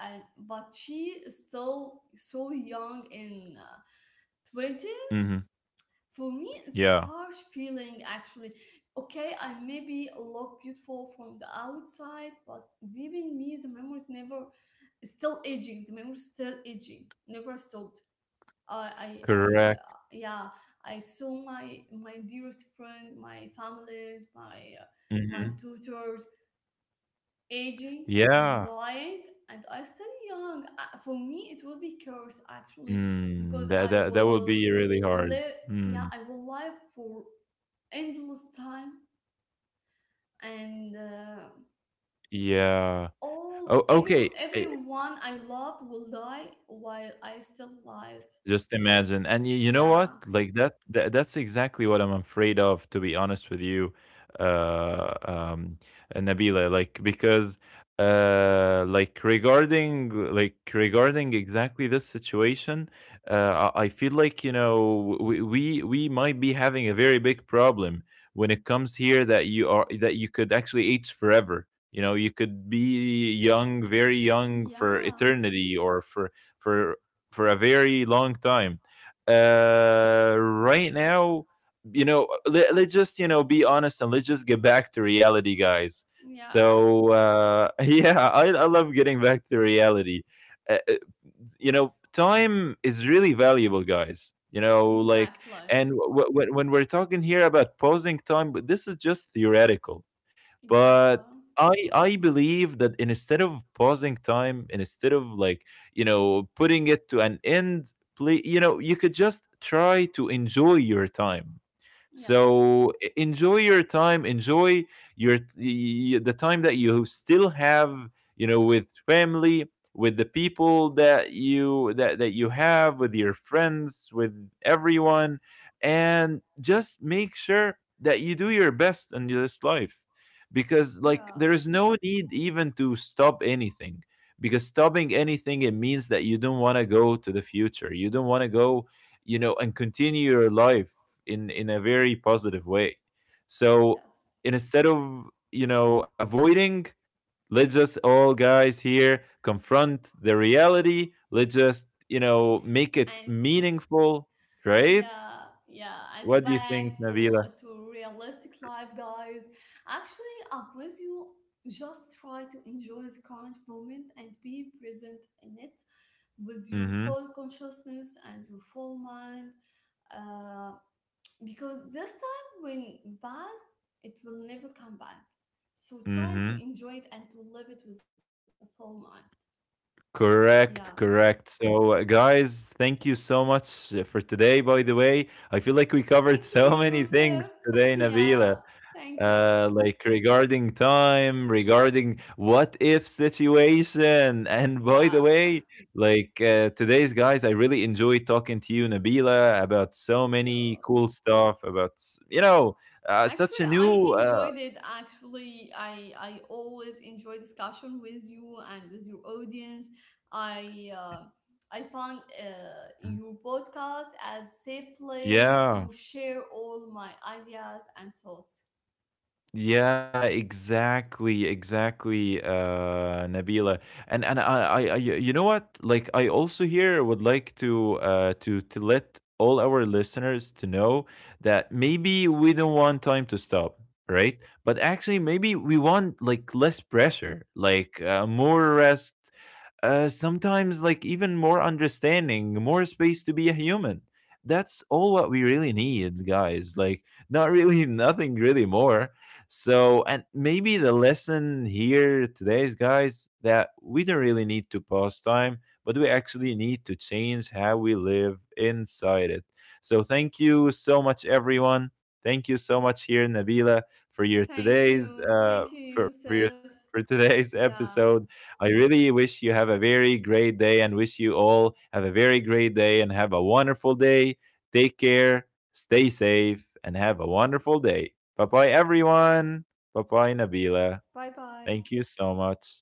[SPEAKER 2] and but she is still so young in 20s.
[SPEAKER 1] Mhm.
[SPEAKER 2] For me, it's
[SPEAKER 1] Yeah.
[SPEAKER 2] harsh feeling actually. Okay, I maybe look beautiful from the outside, but deep in me the memories never still aging, the memories still aging, never stopped.
[SPEAKER 1] Correct.
[SPEAKER 2] Yeah, I saw my dearest friend, my families, my
[SPEAKER 1] Mhm.
[SPEAKER 2] tutors aging and
[SPEAKER 1] Yeah.
[SPEAKER 2] dying, and I still young. For me, it will be curse actually because
[SPEAKER 1] Mm.
[SPEAKER 2] I
[SPEAKER 1] That would
[SPEAKER 2] will
[SPEAKER 1] be really hard.
[SPEAKER 2] live. Yeah,
[SPEAKER 1] Mm.
[SPEAKER 2] I will live for endless time, and
[SPEAKER 1] Yeah. Oh,
[SPEAKER 2] all every
[SPEAKER 1] okay.
[SPEAKER 2] everyone I love will die while I still live.
[SPEAKER 1] Just imagine. And you know what?
[SPEAKER 2] Yeah,
[SPEAKER 1] Like that that's exactly what I'm afraid of, to be honest with you, uh, um, Nabila. Like because like regarding exactly this situation I feel like you know we might be having a very big problem when it comes here that you are that you could actually age forever you know you could be young very young for
[SPEAKER 2] yeah,
[SPEAKER 1] eternity or for for a very long time. Right now, you know, let's just, you know, be honest and let's just get back to reality, guys.
[SPEAKER 2] yeah.
[SPEAKER 1] So, yeah, I love getting back to reality. Uh, uh, you know, time is really valuable, guys. You know, like,
[SPEAKER 2] Exactly.
[SPEAKER 1] and when we're talking here about pausing time, but this is just theoretical. But
[SPEAKER 2] Exactly.
[SPEAKER 1] I believe that instead of pausing time, instead of like you know putting it to an end play you know you could just try to enjoy your time so
[SPEAKER 2] Yes.
[SPEAKER 1] enjoy your time, enjoy the time that you still have, you know, with family, with the people that you that that you have, with your friends, with everyone, and just make sure that you do your best in this life because
[SPEAKER 2] Yeah.
[SPEAKER 1] like there is no need even to stop anything because stopping anything it means that you don't want to go to the future you don't want to go you know and continue your life in a very positive way so
[SPEAKER 2] Yes.
[SPEAKER 1] instead of you know avoiding let's just all guys here confront the reality let's just you know make it
[SPEAKER 2] And
[SPEAKER 1] meaningful right
[SPEAKER 2] yeah, yeah. And
[SPEAKER 1] what do you think
[SPEAKER 2] back to
[SPEAKER 1] nabila
[SPEAKER 2] to realistic life, guys. Actually, I'm with you. Just try to enjoy the current moment and be present in it with your
[SPEAKER 1] mm-hmm
[SPEAKER 2] full consciousness and your full mind. Uh, because this time when passed, it will never come back. So try to
[SPEAKER 1] mm-hmm
[SPEAKER 2] enjoy it and to live it with a full mind. Yeah.
[SPEAKER 1] correct correct so guys thank you so much for today by the way I feel like we
[SPEAKER 2] Thank
[SPEAKER 1] covered
[SPEAKER 2] you,
[SPEAKER 1] so many
[SPEAKER 2] Yusuf.
[SPEAKER 1] things today
[SPEAKER 2] Yeah.
[SPEAKER 1] nabila
[SPEAKER 2] Thank you.
[SPEAKER 1] like regarding time, regarding what if situation. And by
[SPEAKER 2] Yeah.
[SPEAKER 1] the way, like today's guys, I really enjoyed talking to you, Nabila, about so
[SPEAKER 2] Thank
[SPEAKER 1] many
[SPEAKER 2] you.
[SPEAKER 1] cool stuff, about, you know, such
[SPEAKER 2] Actually,
[SPEAKER 1] a
[SPEAKER 2] I
[SPEAKER 1] new,
[SPEAKER 2] enjoyed it. Actually, I always enjoy discussion with you and with your audience. I uh, I found your podcast as safe place
[SPEAKER 1] yeah.
[SPEAKER 2] to share all my ideas and thoughts.
[SPEAKER 1] Yeah, exactly, exactly, Nabila. And I, you know what? Like, I also here would like to to let all our listeners to know that maybe we don't want time to stop, right? But actually, maybe we want like less pressure, like more rest, sometimes like even more understanding, more space to be a human. That's all what we really need, guys. Like, not really, nothing really more. So, and maybe the lesson here today is, guys, that we don't really need to pause time, but we actually need to change how we live inside it. So, thank you so much, everyone. Thank you so much here, Nabila, for your
[SPEAKER 2] Thank
[SPEAKER 1] today's
[SPEAKER 2] you. Thank you,
[SPEAKER 1] for your
[SPEAKER 2] Yusuf.
[SPEAKER 1] for today's
[SPEAKER 2] Yeah.
[SPEAKER 1] episode I really wish you have a very great day and wish you all have a very great day and have a wonderful day. Take care, stay safe, and have a wonderful day. Bye bye, everyone. Bye bye, Nabila.
[SPEAKER 2] Bye bye.
[SPEAKER 1] Thank you so much.